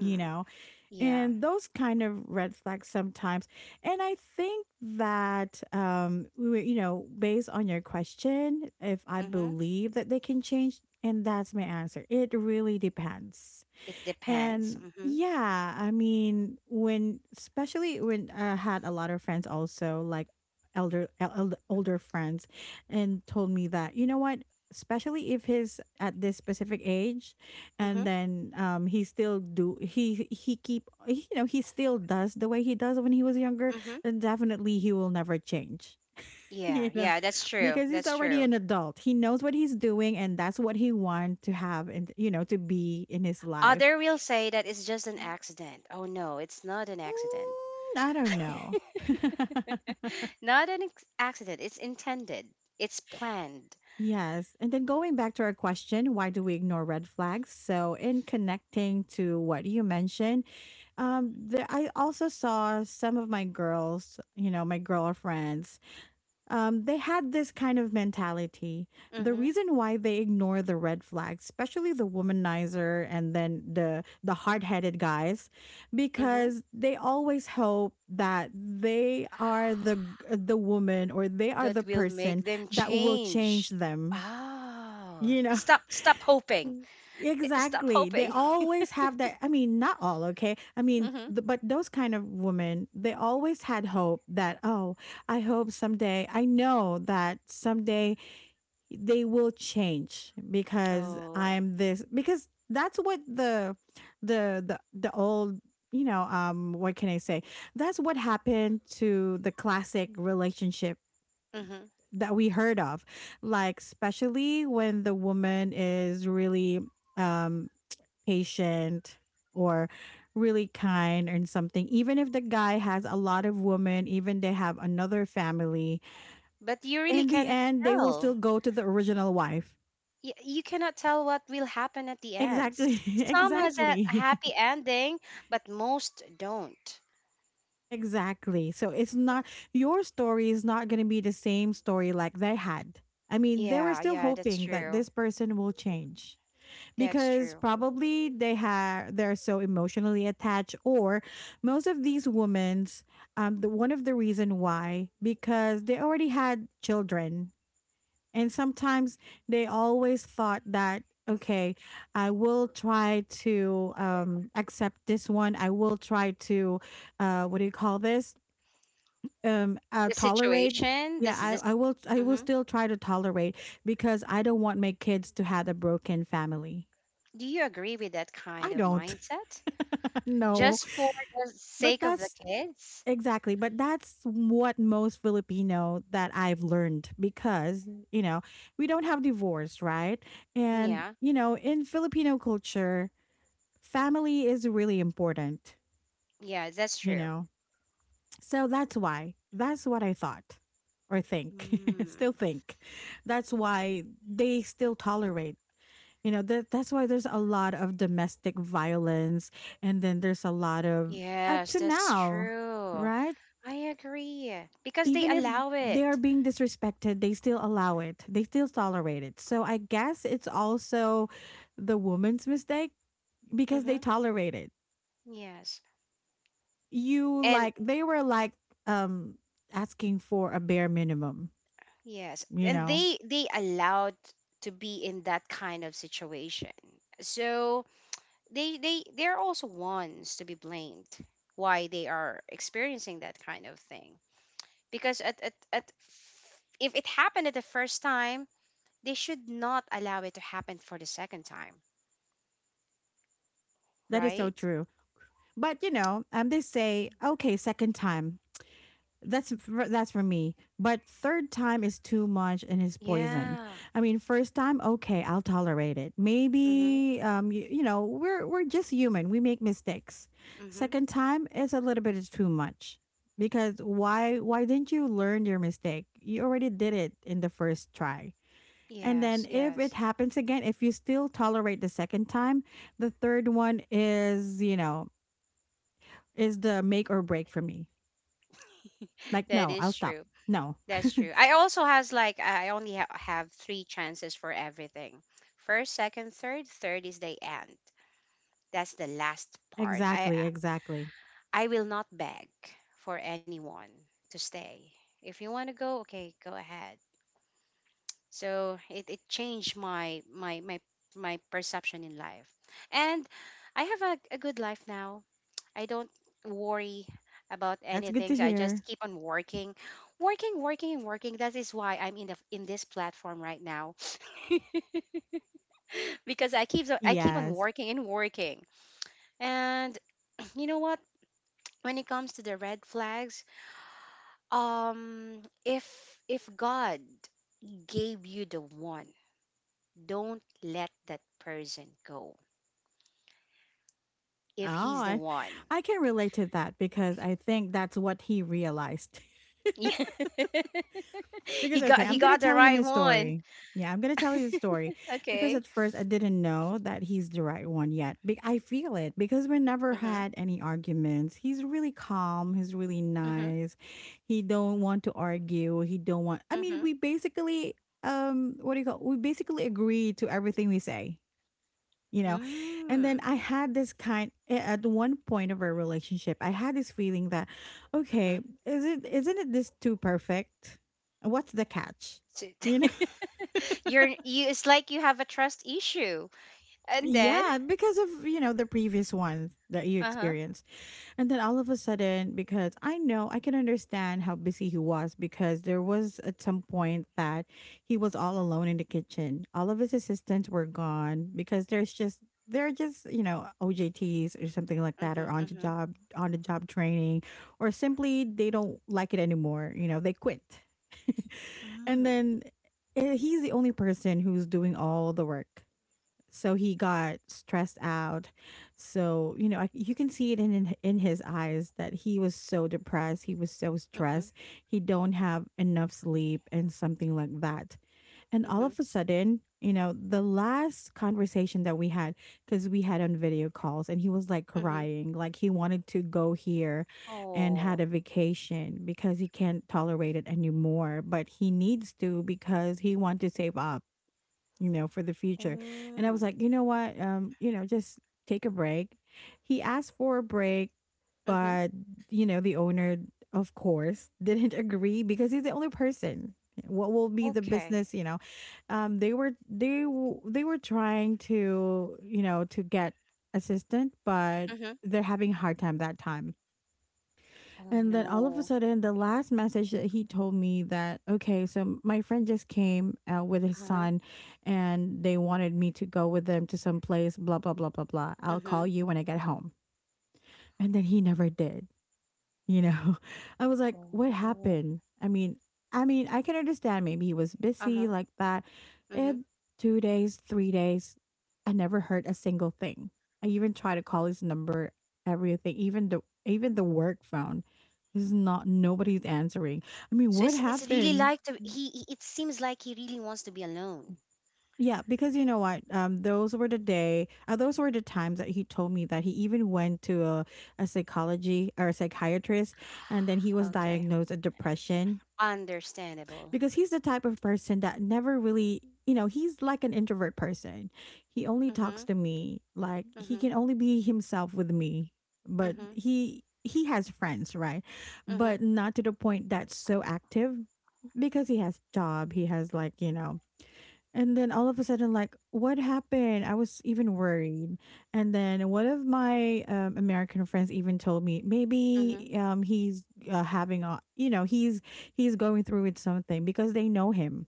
you know,
Yeah.
and those kind of red flags sometimes. And I think that, you know, based on your question, if I
Mhm.
believe that they can change, and that's my answer, it really depends.
It depends.
And
Mhm.
yeah, I mean, when especially when I had a lot of friends also like older friends and told me that, you know what, especially if he's at this specific age and
Mhm.
then he still do he keep you know, he still does the way he does when he was younger,
Mhm.
then definitely he will never change. You
Yeah,
know,
yeah, that's true.
because he's
That's
already an
true.
adult. He knows what he's doing and that's what he want to have and you know, to be in his life.
Other will say that it's just an accident. Oh no, it's not an accident.
Mm, I don't know.
Not an accident. It's intended. It's planned.
Yes. And then going back to our question, why do we ignore red flags? So, in connecting to what you mentioned, there, I also saw some of my girls, you know, my girlfriends, they had this kind of mentality. The
Mhm.
reason why they ignore the red flags, especially the womanizer and then the hard headed guys,
Mhm.
because they always hope that they are the woman or they are the
That will make
person
them
that will change
change.
them.
Oh.
You know,
Stop stop hoping.
Mm.
Eh, stop
Exactly. They
hoping.
always have that. I mean, not all, okay? I mean,
Mhm.
but those kind of women, they always had hope that, oh, I hope someday, I know that someday they will change because
Oh.
I'm this, because that's what the old, you know, what can I say? That's what happened to the classic relationship that we heard of, like, especially when the woman is really, um patient or really kind and something, even if the guy has a lot of women, even they have another family,
But you really
in the
cannot
end they will still
tell.
go to the original wife.
Y- you cannot tell what will happen at the end.
Exactly
Some has a
exactly.
happy ending, but most don't.
Exactly, so it's not your story is not going to be the same story like they had. I mean, they were
Yeah,
still
yeah, that's
hoping that
true.
this person will change
That's
because
true.
probably they're so emotionally attached, or most of these women's, the one of the reason why, because they already had children. And sometimes they always thought that, okay, I will try to accept this one. I will try to, what do you call this? um uh,
The
tolerate
situation,
Yeah,
this, this.
I will
hmm
still try to tolerate because I don't want my kids to have a broken family.
Do you agree with that kind
I
of
don't.
mindset?
No,
Just for the
but
sake of the
that's
kids?
exactly, but that's what most Filipino that I've learned because, you know, we don't have divorce, right? And,
Yeah,
you know, in Filipino culture, family is really important,
yeah, that's
you
true.
know? So that's what I thought or think,
Mm,
still think. That's why they still tolerate, you know, that's why there's a lot of domestic violence, and then there's a lot of up
yes,
to
that's
now,
true.
right?
I agree because they
Even if
allow
they
it.
are being disrespected, they still allow it, they still tolerate it, so I guess it's also the woman's mistake because they
Mm-hmm.
tolerate it.
Yes.
you
And
like they were like, um asking for a bare minimum,
yes,
you
and
know.
they allowed to be in that kind of situation. So they they're also ones to be blamed why they are experiencing that kind of thing. Because if it happened at the first time, they should not allow it to happen for the second time,
That is so
right?
true. But you know, they say okay, second time that's for me, but third time is too much and it's poison.
Yeah.
I mean first time, okay, I'll tolerate it
Mhm.
maybe. You know, we're just human, we make mistakes.
Mhm.
Second time is a little bit, is too much, because why didn't you learn your mistake? You already did it in the first try. And then
Yes,
if it
yes.
happens again, if you still tolerate the second time, the third one is you know is the make or break for me. Like,
That
no,
is
I'll stop.
true.
No.
That's true. I also has like I have three chances for everything. First, second, third. Third is the end. That's the last part.
Exactly, exactly.
I will not beg for anyone to stay. If you want to go, okay, go ahead. So it changed my perception in life, and I have a good life now. I don't worry about
That's good
anything.
to
So I just
hear.
keep on working, working, working, and working. That is why I'm in this platform right now because I keep on
Yes.
working and working. And you know what? When it comes to the red flags, if God gave you the one, don't let that person go.
Oh,
If he's the
I
one,
I can relate to that because I think that's what he realized.
yeah,
Because okay,
he
I'm gonna
got the
tell you
right
my
one.
story. Yeah, I'm gonna tell you the story because
Okay.
at first I didn't know that he's the right one yet. I feel it because we never
Mhm.
had any arguments. He's really calm. He's really
Mhm.
nice. He don't want to argue. He don't want. I mean,
Mhm.
we basically what do you call? We basically agree to everything we say you know and then
Mm.
I had this kind at one point of our relationship. I had this feeling that, okay,
Mm-hmm.
is it, isn't it, this too perfect? What's the catch?
So,
you know
you. It's like you have a trust issue, and then
yeah, because of, you know, the previous ones that you
uh huh.
experienced. And then all of a sudden, because I know I can understand how busy he was, because there was at some point that he was all alone in the kitchen. All of his assistants were gone because there's just they're just you know OJTs or something like that, or
Mm-hmm.
on the
Mm-hmm.
job training, or simply they don't like it anymore. You know, they quit. And
Mm.
then he's the only person who's doing all the work, so he got stressed out. So you know, you can see it in, in his eyes that he was so depressed, he was so
Mm-hmm.
stressed, he don't have enough sleep and something like that. And all
Mm-hmm.
of a sudden, you know, the last conversation that we had, because we had on video calls and he was like
Mm-hmm.
crying, like he wanted to go here and had a
Oh.
vacation because he can't tolerate it anymore, but he needs to because he want to save up, you know, for the future. And I was
Mm.
like, you know what? You know, just take a break. He asked for a break,
Mm-hmm.
but, you know, the owner, of course, didn't agree because he's the only person. What will be the
Okay.
business? You know, they were they were trying to, you know, to get assistant, but
Mm-hmm.
they're having a hard time that time.
Oh
And then all of a
no.
sudden, the last message that he told me that, okay, so my friend just came with his
Uh huh.
son and they wanted me to go with them to some place, blah, blah, blah, blah, blah. I'll call
Mm-hmm.
you when I get home. And then he never did. You know, I was like, what
Oh.
happened? I mean, I can understand maybe he was
Uh
busy
huh.
like that.
Mm-hmm.
And 2 days, 3 days, I never heard a single thing. I even tried to call his number, everything, even the work phone. This is not nobody's answering. I mean,
So
what
it's really
happened?
like to, It seems like he really wants to be alone.
Yeah, because you know what? Those were the day. Those were the times that he told me that he even went to a psychology or a psychiatrist, and then he was
Okay.
diagnosed a depression
Understandable.
because he's the type of person that never really, you know, he's like an introvert person. He only talks
Mm-hmm.
to me, like he
Mm-hmm.
can only be himself with me, but
Mm-hmm.
he has friends, right? But
Mm-hmm.
not to the point that's so active because he has job, he has like, you know. And then all of a sudden, like, what happened? I was even worried. And then one of my American friends even told me maybe he's having a, you know, he's going through with something because they know him.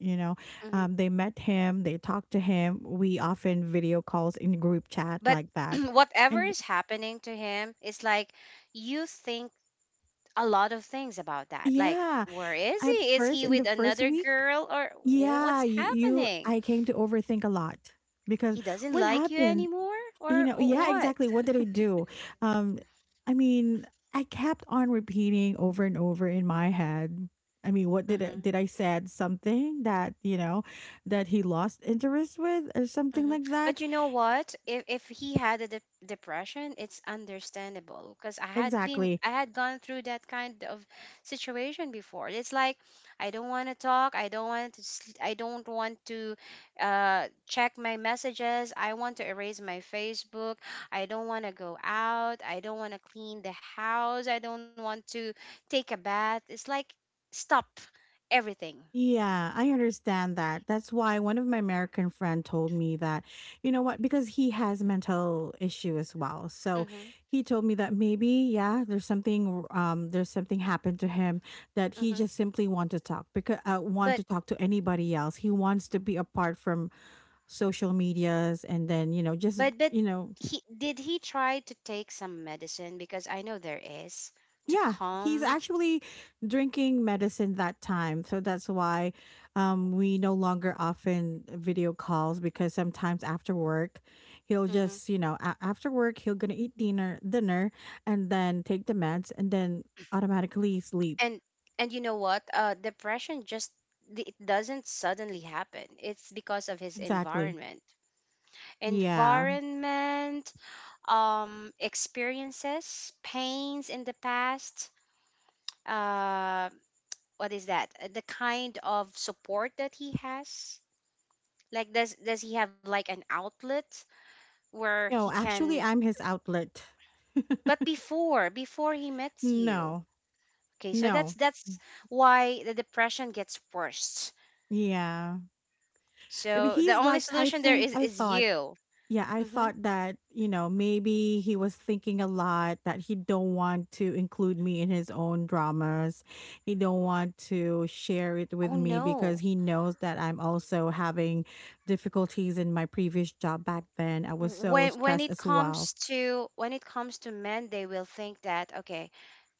You know,
Mm-hmm.
they met him, they talked to him. We often video calls in group chat
But
like that.
whatever
And
is happening to him, it's like you think a lot of things about that, like
yeah,
where is
at
he, is
first,
he
in the
with
first
another
week,
girl, or
yeah,
what's
you
happening?
I came to overthink a lot because
He doesn't
what
like you
happened?
anymore
You
or
know, yeah,
what?
exactly. What did I do? Um, I mean, I kept on repeating over and over in my head. I mean, what
Hmm.
did I said something that, you know, that he lost interest with or something
Hmm.
like that?
But you know what? If he had a de- depression, it's understandable because
Exactly.
I had gone through that kind of situation before. It's like I don't want to talk. I don't want to check my messages. I want to erase my Facebook. I don't want to go out. I don't want to clean the house. I don't want to take a bath. It's like stop everything.
Yeah, I understand that. That's why one of my American friend told me that, you know what, because he has mental issue as well. So
Mm-hmm.
he told me that maybe, yeah, there's something happened to him that he
Mm-hmm.
just simply want to talk because want to talk to anybody else. He wants to be apart from social medias and then, you know, just,
But
you know.
he, did he try to take some medicine? Because I know there is to
Yeah, he's
calm.
actually drinking medicine that time. So that's why we no longer often video calls because sometimes after work, he'll
Hmm.
just, you know, after work, he'll going to eat dinner, and then take the meds and then automatically sleep.
And and you know what? Depression just it doesn't suddenly happen. It's because of his
Exactly.
environment,
Yeah.
environment, experiences, pains in the past. Uh, what is that? The kind of support that he has. Like, does he have like an outlet where he
No,
can?
actually, I'm his outlet.
But before before he meets you,
No,
okay, so
no.
that's why the depression gets worse,
Yeah. Maybe
so the
he's
only
like,
solution there
I
is
thought.
you.
Yeah, I
Hmm.
thought that, you know, maybe he was thinking a lot that he don't want to include me in his own dramas. He don't want to share it with
Oh
me because
no.
he knows that I'm also having difficulties in my previous job back then. I was so
When when
stressed
it
as well.
comes to when it comes to men, they will think that, okay,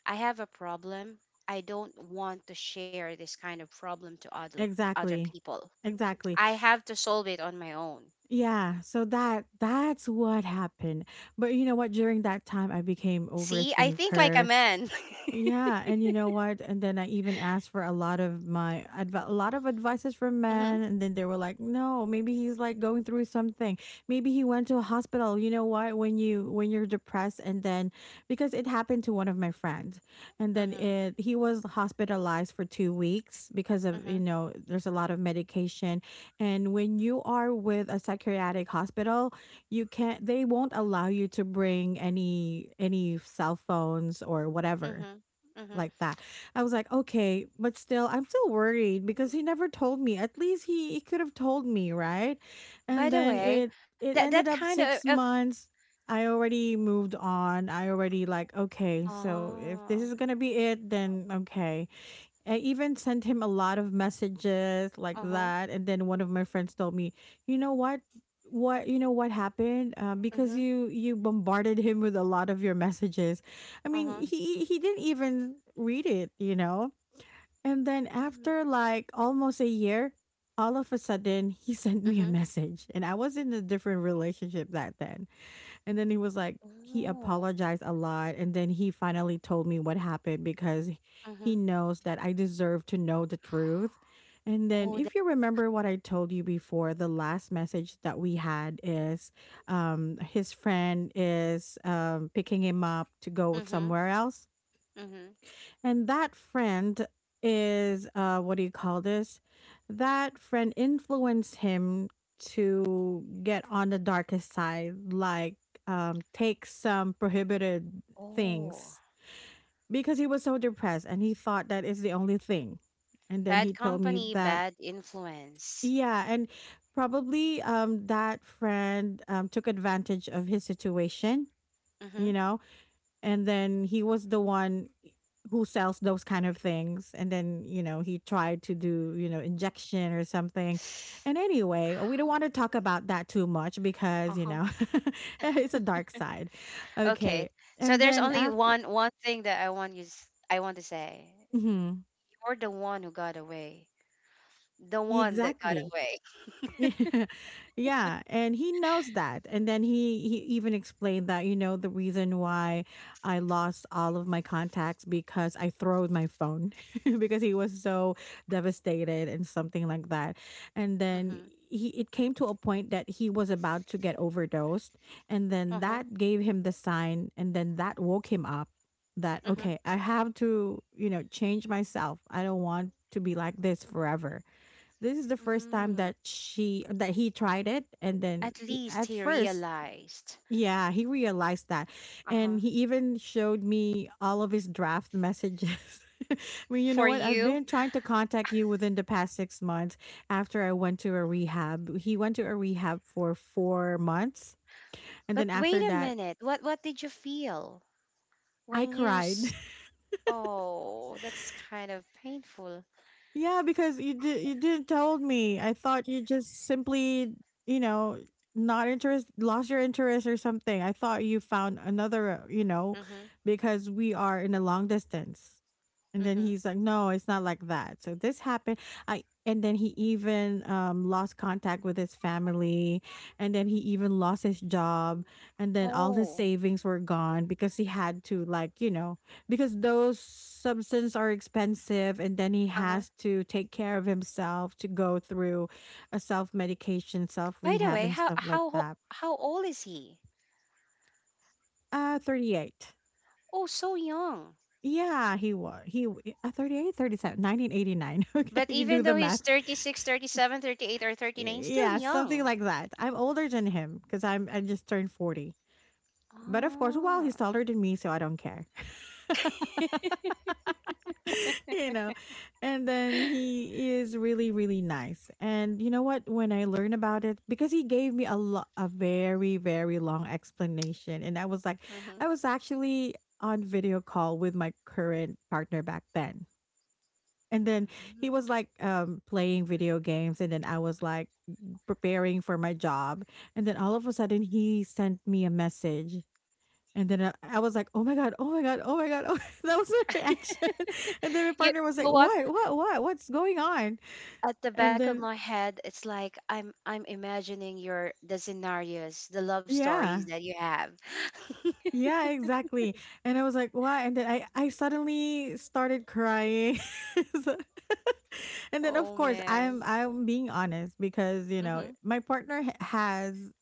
I have a problem. I don't want to share this kind of problem to other other
Exactly.
people.
Exactly.
I have to solve it on my own.
Yeah, so that's what happened. But you know what, during that time I became
See, I think like a
overthinker.
man.
Yeah, and you know what? And then I even asked for a lot of a lot of advices from
Hmm.
men, and then they were like, "No, maybe he's like going through something. Maybe he went to a hospital." You know what? When you when you're depressed, and then because it happened to one of my friends, and then
Hmm.
it he was hospitalized for 2 weeks because of, you
Hmm.
know, there's a lot of medication. And when you are with a psychiatric hospital, you can't they won't allow you to bring any cell phones or whatever
Hmm. Hmm.
like that. I was like, okay, but still, I'm still worried because he never told me. At least he could have told me, right?
By
And
the
then
way, that
it
that
ended
kind
up six
of
months. I already moved on. I already like, okay, so if this
oh,
is gonna be it, then okay. I even sent him a lot of messages like
uh-huh,
that. And then one of my friends told me, you know what? You know what happened?
uh
Because
huh,
you bombarded him with a lot of your messages. I mean,
uh-huh, uh
he didn't even read it, you know. And then
huh,
after like almost a year, all of a sudden he sent me a message, and I was in a different relationship that then. And then he was like, he
oh,
apologized a lot. And then he finally told me what happened because
uh huh,
he knows that I deserve to know the truth. And then,
oh,
if
that,
you remember what I told you before, the last message that we had is his friend is picking him up to go
mm-hmm,
somewhere else.
mm-hmm,
And that friend is what do you call this? That friend influenced him to get on the darkest side, like take some prohibited
oh,
things because he was so depressed and he thought that is the only thing. And then
bad
he told me
company,
that
bad influence.
yeah, and probably that friend took advantage of his situation,
Uh
you
huh.
know, and then he was the one who sells those kind of things. And then, you know, he tried to do, you know, injection or something. And anyway, we don't want to talk about that too much because, you
Uh-huh.
know, it's a dark side. Okay,
Okay, so
and
there's
then
only
after.
one thing that I want to say.
Mhm.
You're the one who got away, the one that got
Exactly.
away.
Yeah, and he knows that. And then he even explained that, you know, the reason why I lost all of my contacts because I throwed my phone because he was so devastated and something like that. And
Mm-hmm,
then he it came to a point that he was about to get overdosed, and then
uh-huh,
that gave him the sign and then that woke him up, that
mm-hmm,
okay, I have to, you know, change myself. I don't want to be like this forever. This is the first time
mm.
that she that he tried it. And then
At least
at
he
first,
realized.
yeah, he realized that.
Uh-huh.
And he even showed me all of his draft messages. I mean, you know
For
what? I've
you,
been trying to contact you within the past 6 months. After I went to a rehab. He went to a rehab for 4 months. And
but
then
wait
after
a
that,
minute. What did you feel
I
when
cried.
oh, that's kind of painful.
Yeah, because you did, you didn't told me. I thought you just simply, you know, not interest lost your interest or something. I thought you found another, you know,
Mhm.
because we are in a long distance. And then
Mhm.
he's like, no, it's not like that. So this happened. I and then he even lost contact with his family, and then he even lost his job, and then all his
Oh.
savings were gone because he had to, like, you know, because those substances are expensive, and then he
Uh-huh.
has to take care of himself to go through a self medication, self
By the
rehab,
way,
and stuff like that.
how old is he?
38.
Oh, so young.
Yeah, he was. 38, 37, 1989. Okay,
But
you do
even though
the
he's
math.
36, 37, 38, or 39, still
Yeah, something
young.
like that. I'm older than him because I just turned 40. But of course, well,
Oh.
he's taller than me, so I don't care. you know. And then he is really nice. And you know what, when I learned about it because he gave me a very long explanation and I was like
Mhm.
I was actually on video call with my current partner back then. And then
Mhm.
he was like playing video games, and then I was like preparing for my job. And then all of a sudden, he sent me a message. And then I was like, oh my God, oh my God, oh my God. Oh, that was my reaction. And then my
You
partner
you
was
know
like,
what?
what, what's going on?
At the back
And
of
then,
my head, it's like I'm imagining your the scenarios, the love stories
yeah,
that you have.
yeah, exactly. And I was like, why? And then I suddenly started crying. So- and then of
Oh
course i'm
man.
i'm being honest because you know
Mhm.
my partner h- has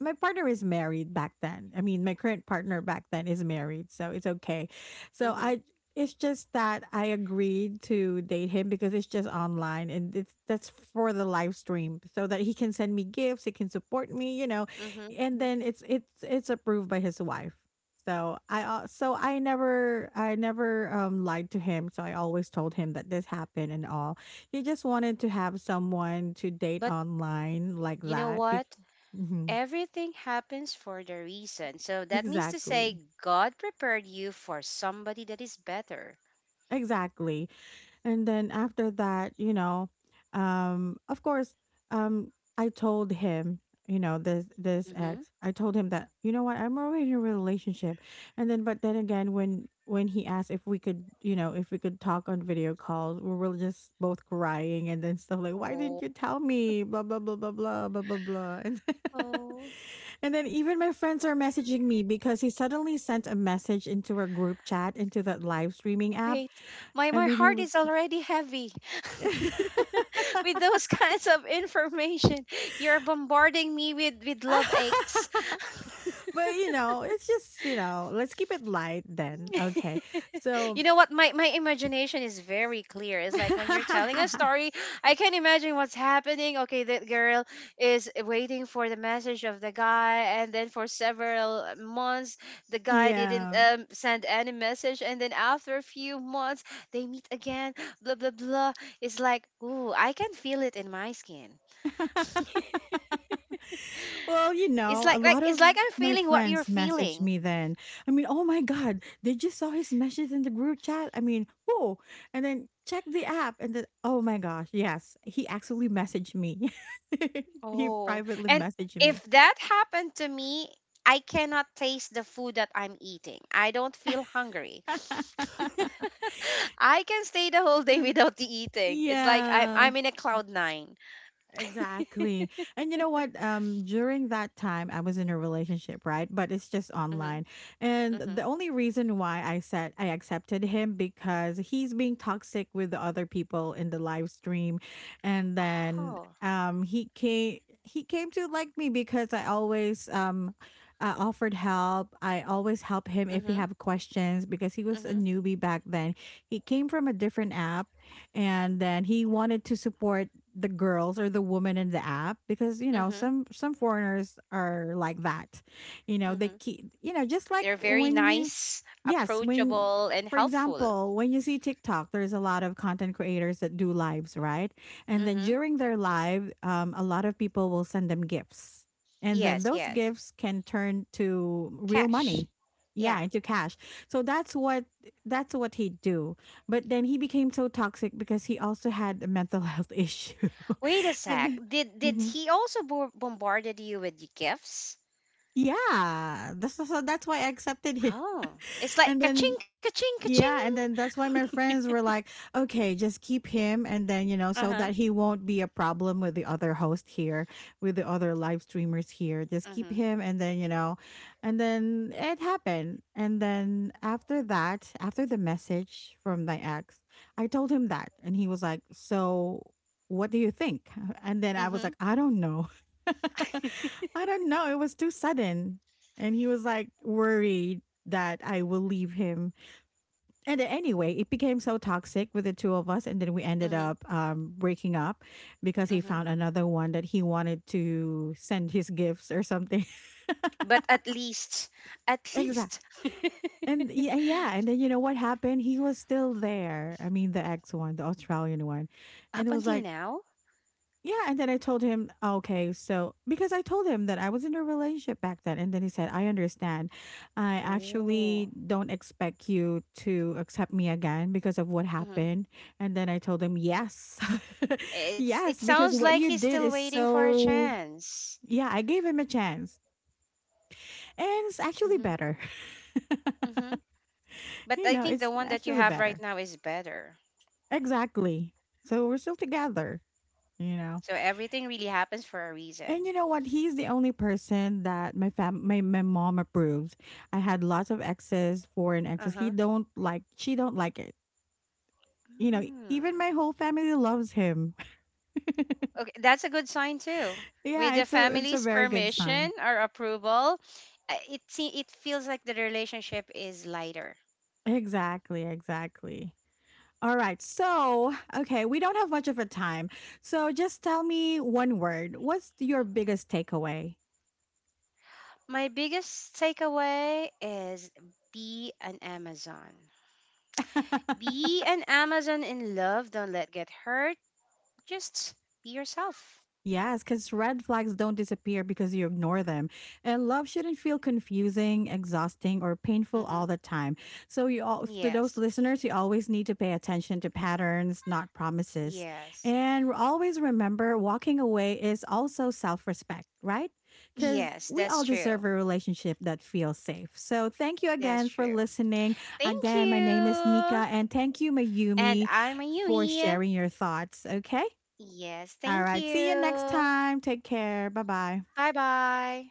my partner is married back then. I mean, my current partner back then is married, so it's okay. So
Mhm.
I It's just that I agreed to date him because it's just online and it's that's for the live stream so that he can send me gifts, he can support me, you know.
Mhm.
And
Mhm.
then it's approved by his wife. So I never lied to him. So I always told him that this happened and all. He just wanted to have someone to date
But
online like
you know
that. Be-
what?
mm-hmm.
Everything happens for the reason. So that means to
Exactly.
say God prepared you for somebody that is better.
Exactly. And then after that, of course, um, I told him, you know, this
Mhm.
ex, I told him that, you know what, I'm already in a relationship. And then but then again when he asked if we could, you know, if we could talk on video calls, we were just both crying and then stuff like, why
Oh,
didn't you tell me? Blah blah blah blah blah blah blah blah. And
oh
and then even my friends are messaging me because he suddenly sent a message into our group chat into that live streaming app.
wait. My
And then he
heart
was
is already heavy with those kinds of information. You're bombarding me with love aches.
but you know, it's just you know, let's keep it light then. Okay, so
you know what? My imagination is very clear. It's like when you're telling a story, I can imagine what's happening. Okay, that girl is waiting for the message of the guy, and then for several months, the guy didn't
yeah.
send any message, and then after a few months, they meet again. Blah blah blah. It's like, ooh, I can feel it in my skin.
well, you
It's
know, a
like
lot
it's
of
like I'm
my
feeling what you're
friends messaged
feeling.
me then. I mean, oh my god, they just saw his message in the group chat. I mean, whoa! And then check the app, and then oh my gosh, yes, he actually messaged me. he
Oh,
privately
and
messaged
if
me.
that happened to me, I cannot taste the food that I'm eating. I don't feel hungry. I can stay the whole day without the eating. It's like I'm
yeah.
I'm in a cloud nine.
Exactly. And you know what? During that time, I was in a relationship, right? But it's just
Mhm.
online. And the
Mhm.
only reason why I said I accepted him because he's being toxic with the other people in the live stream. And then
Oh.
he came to like me because I always offered help. I always help him if he
Mhm.
have questions because he was a
Mhm.
newbie back then. He came from a different app and then he wanted to support the girls or the woman in the app because you know
Mhm.
some foreigners are like that you know they
Mhm.
keep you know just like
They're very
when you.
nice,
Yes, when
approachable, and
for
helpful.
example, when you see TikTok, there's a lot of content creators that do lives, right? And then
Mhm.
during their live, a lot of people will send them gifts. And then
Yes.
those
Yes.
gifts can turn to real
Cash.
money. Yeah,
Yeah.
into cash. So that's what he would do. But then he became so toxic because he also had a mental health issue.
Wait a sec.
and
Did did
mhm.
he also bo- bombarded you with gifts?
Yeah, that's so that's why I accepted him.
Oh, it's
and
like
then
ka-ching, ka-ching, ka-ching.
yeah, and then that's why my friends were like, okay, just keep him and then, you know, so
Uh-huh.
that he won't be a problem with the other host here, with the other live streamers here. Just keep
Mm-hmm.
him and then, you know, and then it happened. And then after that, after the message from my ex, I told him that and he was like, "So, what do you think?" And then I was like,
Mm-hmm.
"I don't know." I don't know. It was too sudden. And he was like worried that I will leave him and then anyway, it became so toxic with the two of us, and then we ended
Mm-hmm.
up breaking up because he
Mm-hmm.
found another one that he wanted to send his gifts or something.
But at
exactly.
least,
And yeah, yeah, and then you know what happened? He was still there. I mean, the ex one, the Australian one, and it
up
was
until
like
now,
yeah, and then I told him, okay, so because I told him that I was in a relationship back then, and then he said, I understand. I actually
oh,
don't expect you to accept me again because of what
mm-hmm.
happened. And then I told him, yes,
it's it
yes, because
sounds
what
like
you
he's
did
still
is
waiting for a
so.
chance.
Yeah, I gave him a chance, and it's actually
Mm-hmm.
better.
Mm-hmm. But
you
I
know,
think the
it's
one that you
actually
have right
better.
now is better.
Exactly. So we're still together, you know.
So everything really happens for a
And
reason.
you know what? He's the only person that my mom approves. I had lots of exes, foreign exes. He
Uh-huh.
don't like She don't like it. You know, even
Mm.
my whole family loves him.
Okay, that's a good sign too. With
Yeah,
the
it's a
family's
very good sign.
permission or approval, it feels like the relationship is lighter.
Exactly, exactly. All right. So, okay, we don't have much of a time. So just tell me one word. What's your biggest takeaway?
My biggest takeaway is be an Amazon. Be an Amazon in love. Don't let get hurt. Just be yourself.
Yes, because red flags don't disappear because you ignore them. And love shouldn't feel confusing, exhausting, or
Hmm.
painful all the time. So, you all, to
Yes.
those listeners, you always need to pay attention to patterns, not promises.
Yes.
And always remember walking away is also self respect, right? Because
Yes,
we
that's
all
true.
deserve a relationship that feels safe. So, thank you
That's
again for
true.
listening.
Thank
Again, my name is
you.
Nika, and thank you,
And
Mayumi,
I'm
for
Ayumi.
sharing your thoughts. Okay.
Yes,
All
thank
right. See you next
you.
time. Take care. Bye bye.
Bye bye.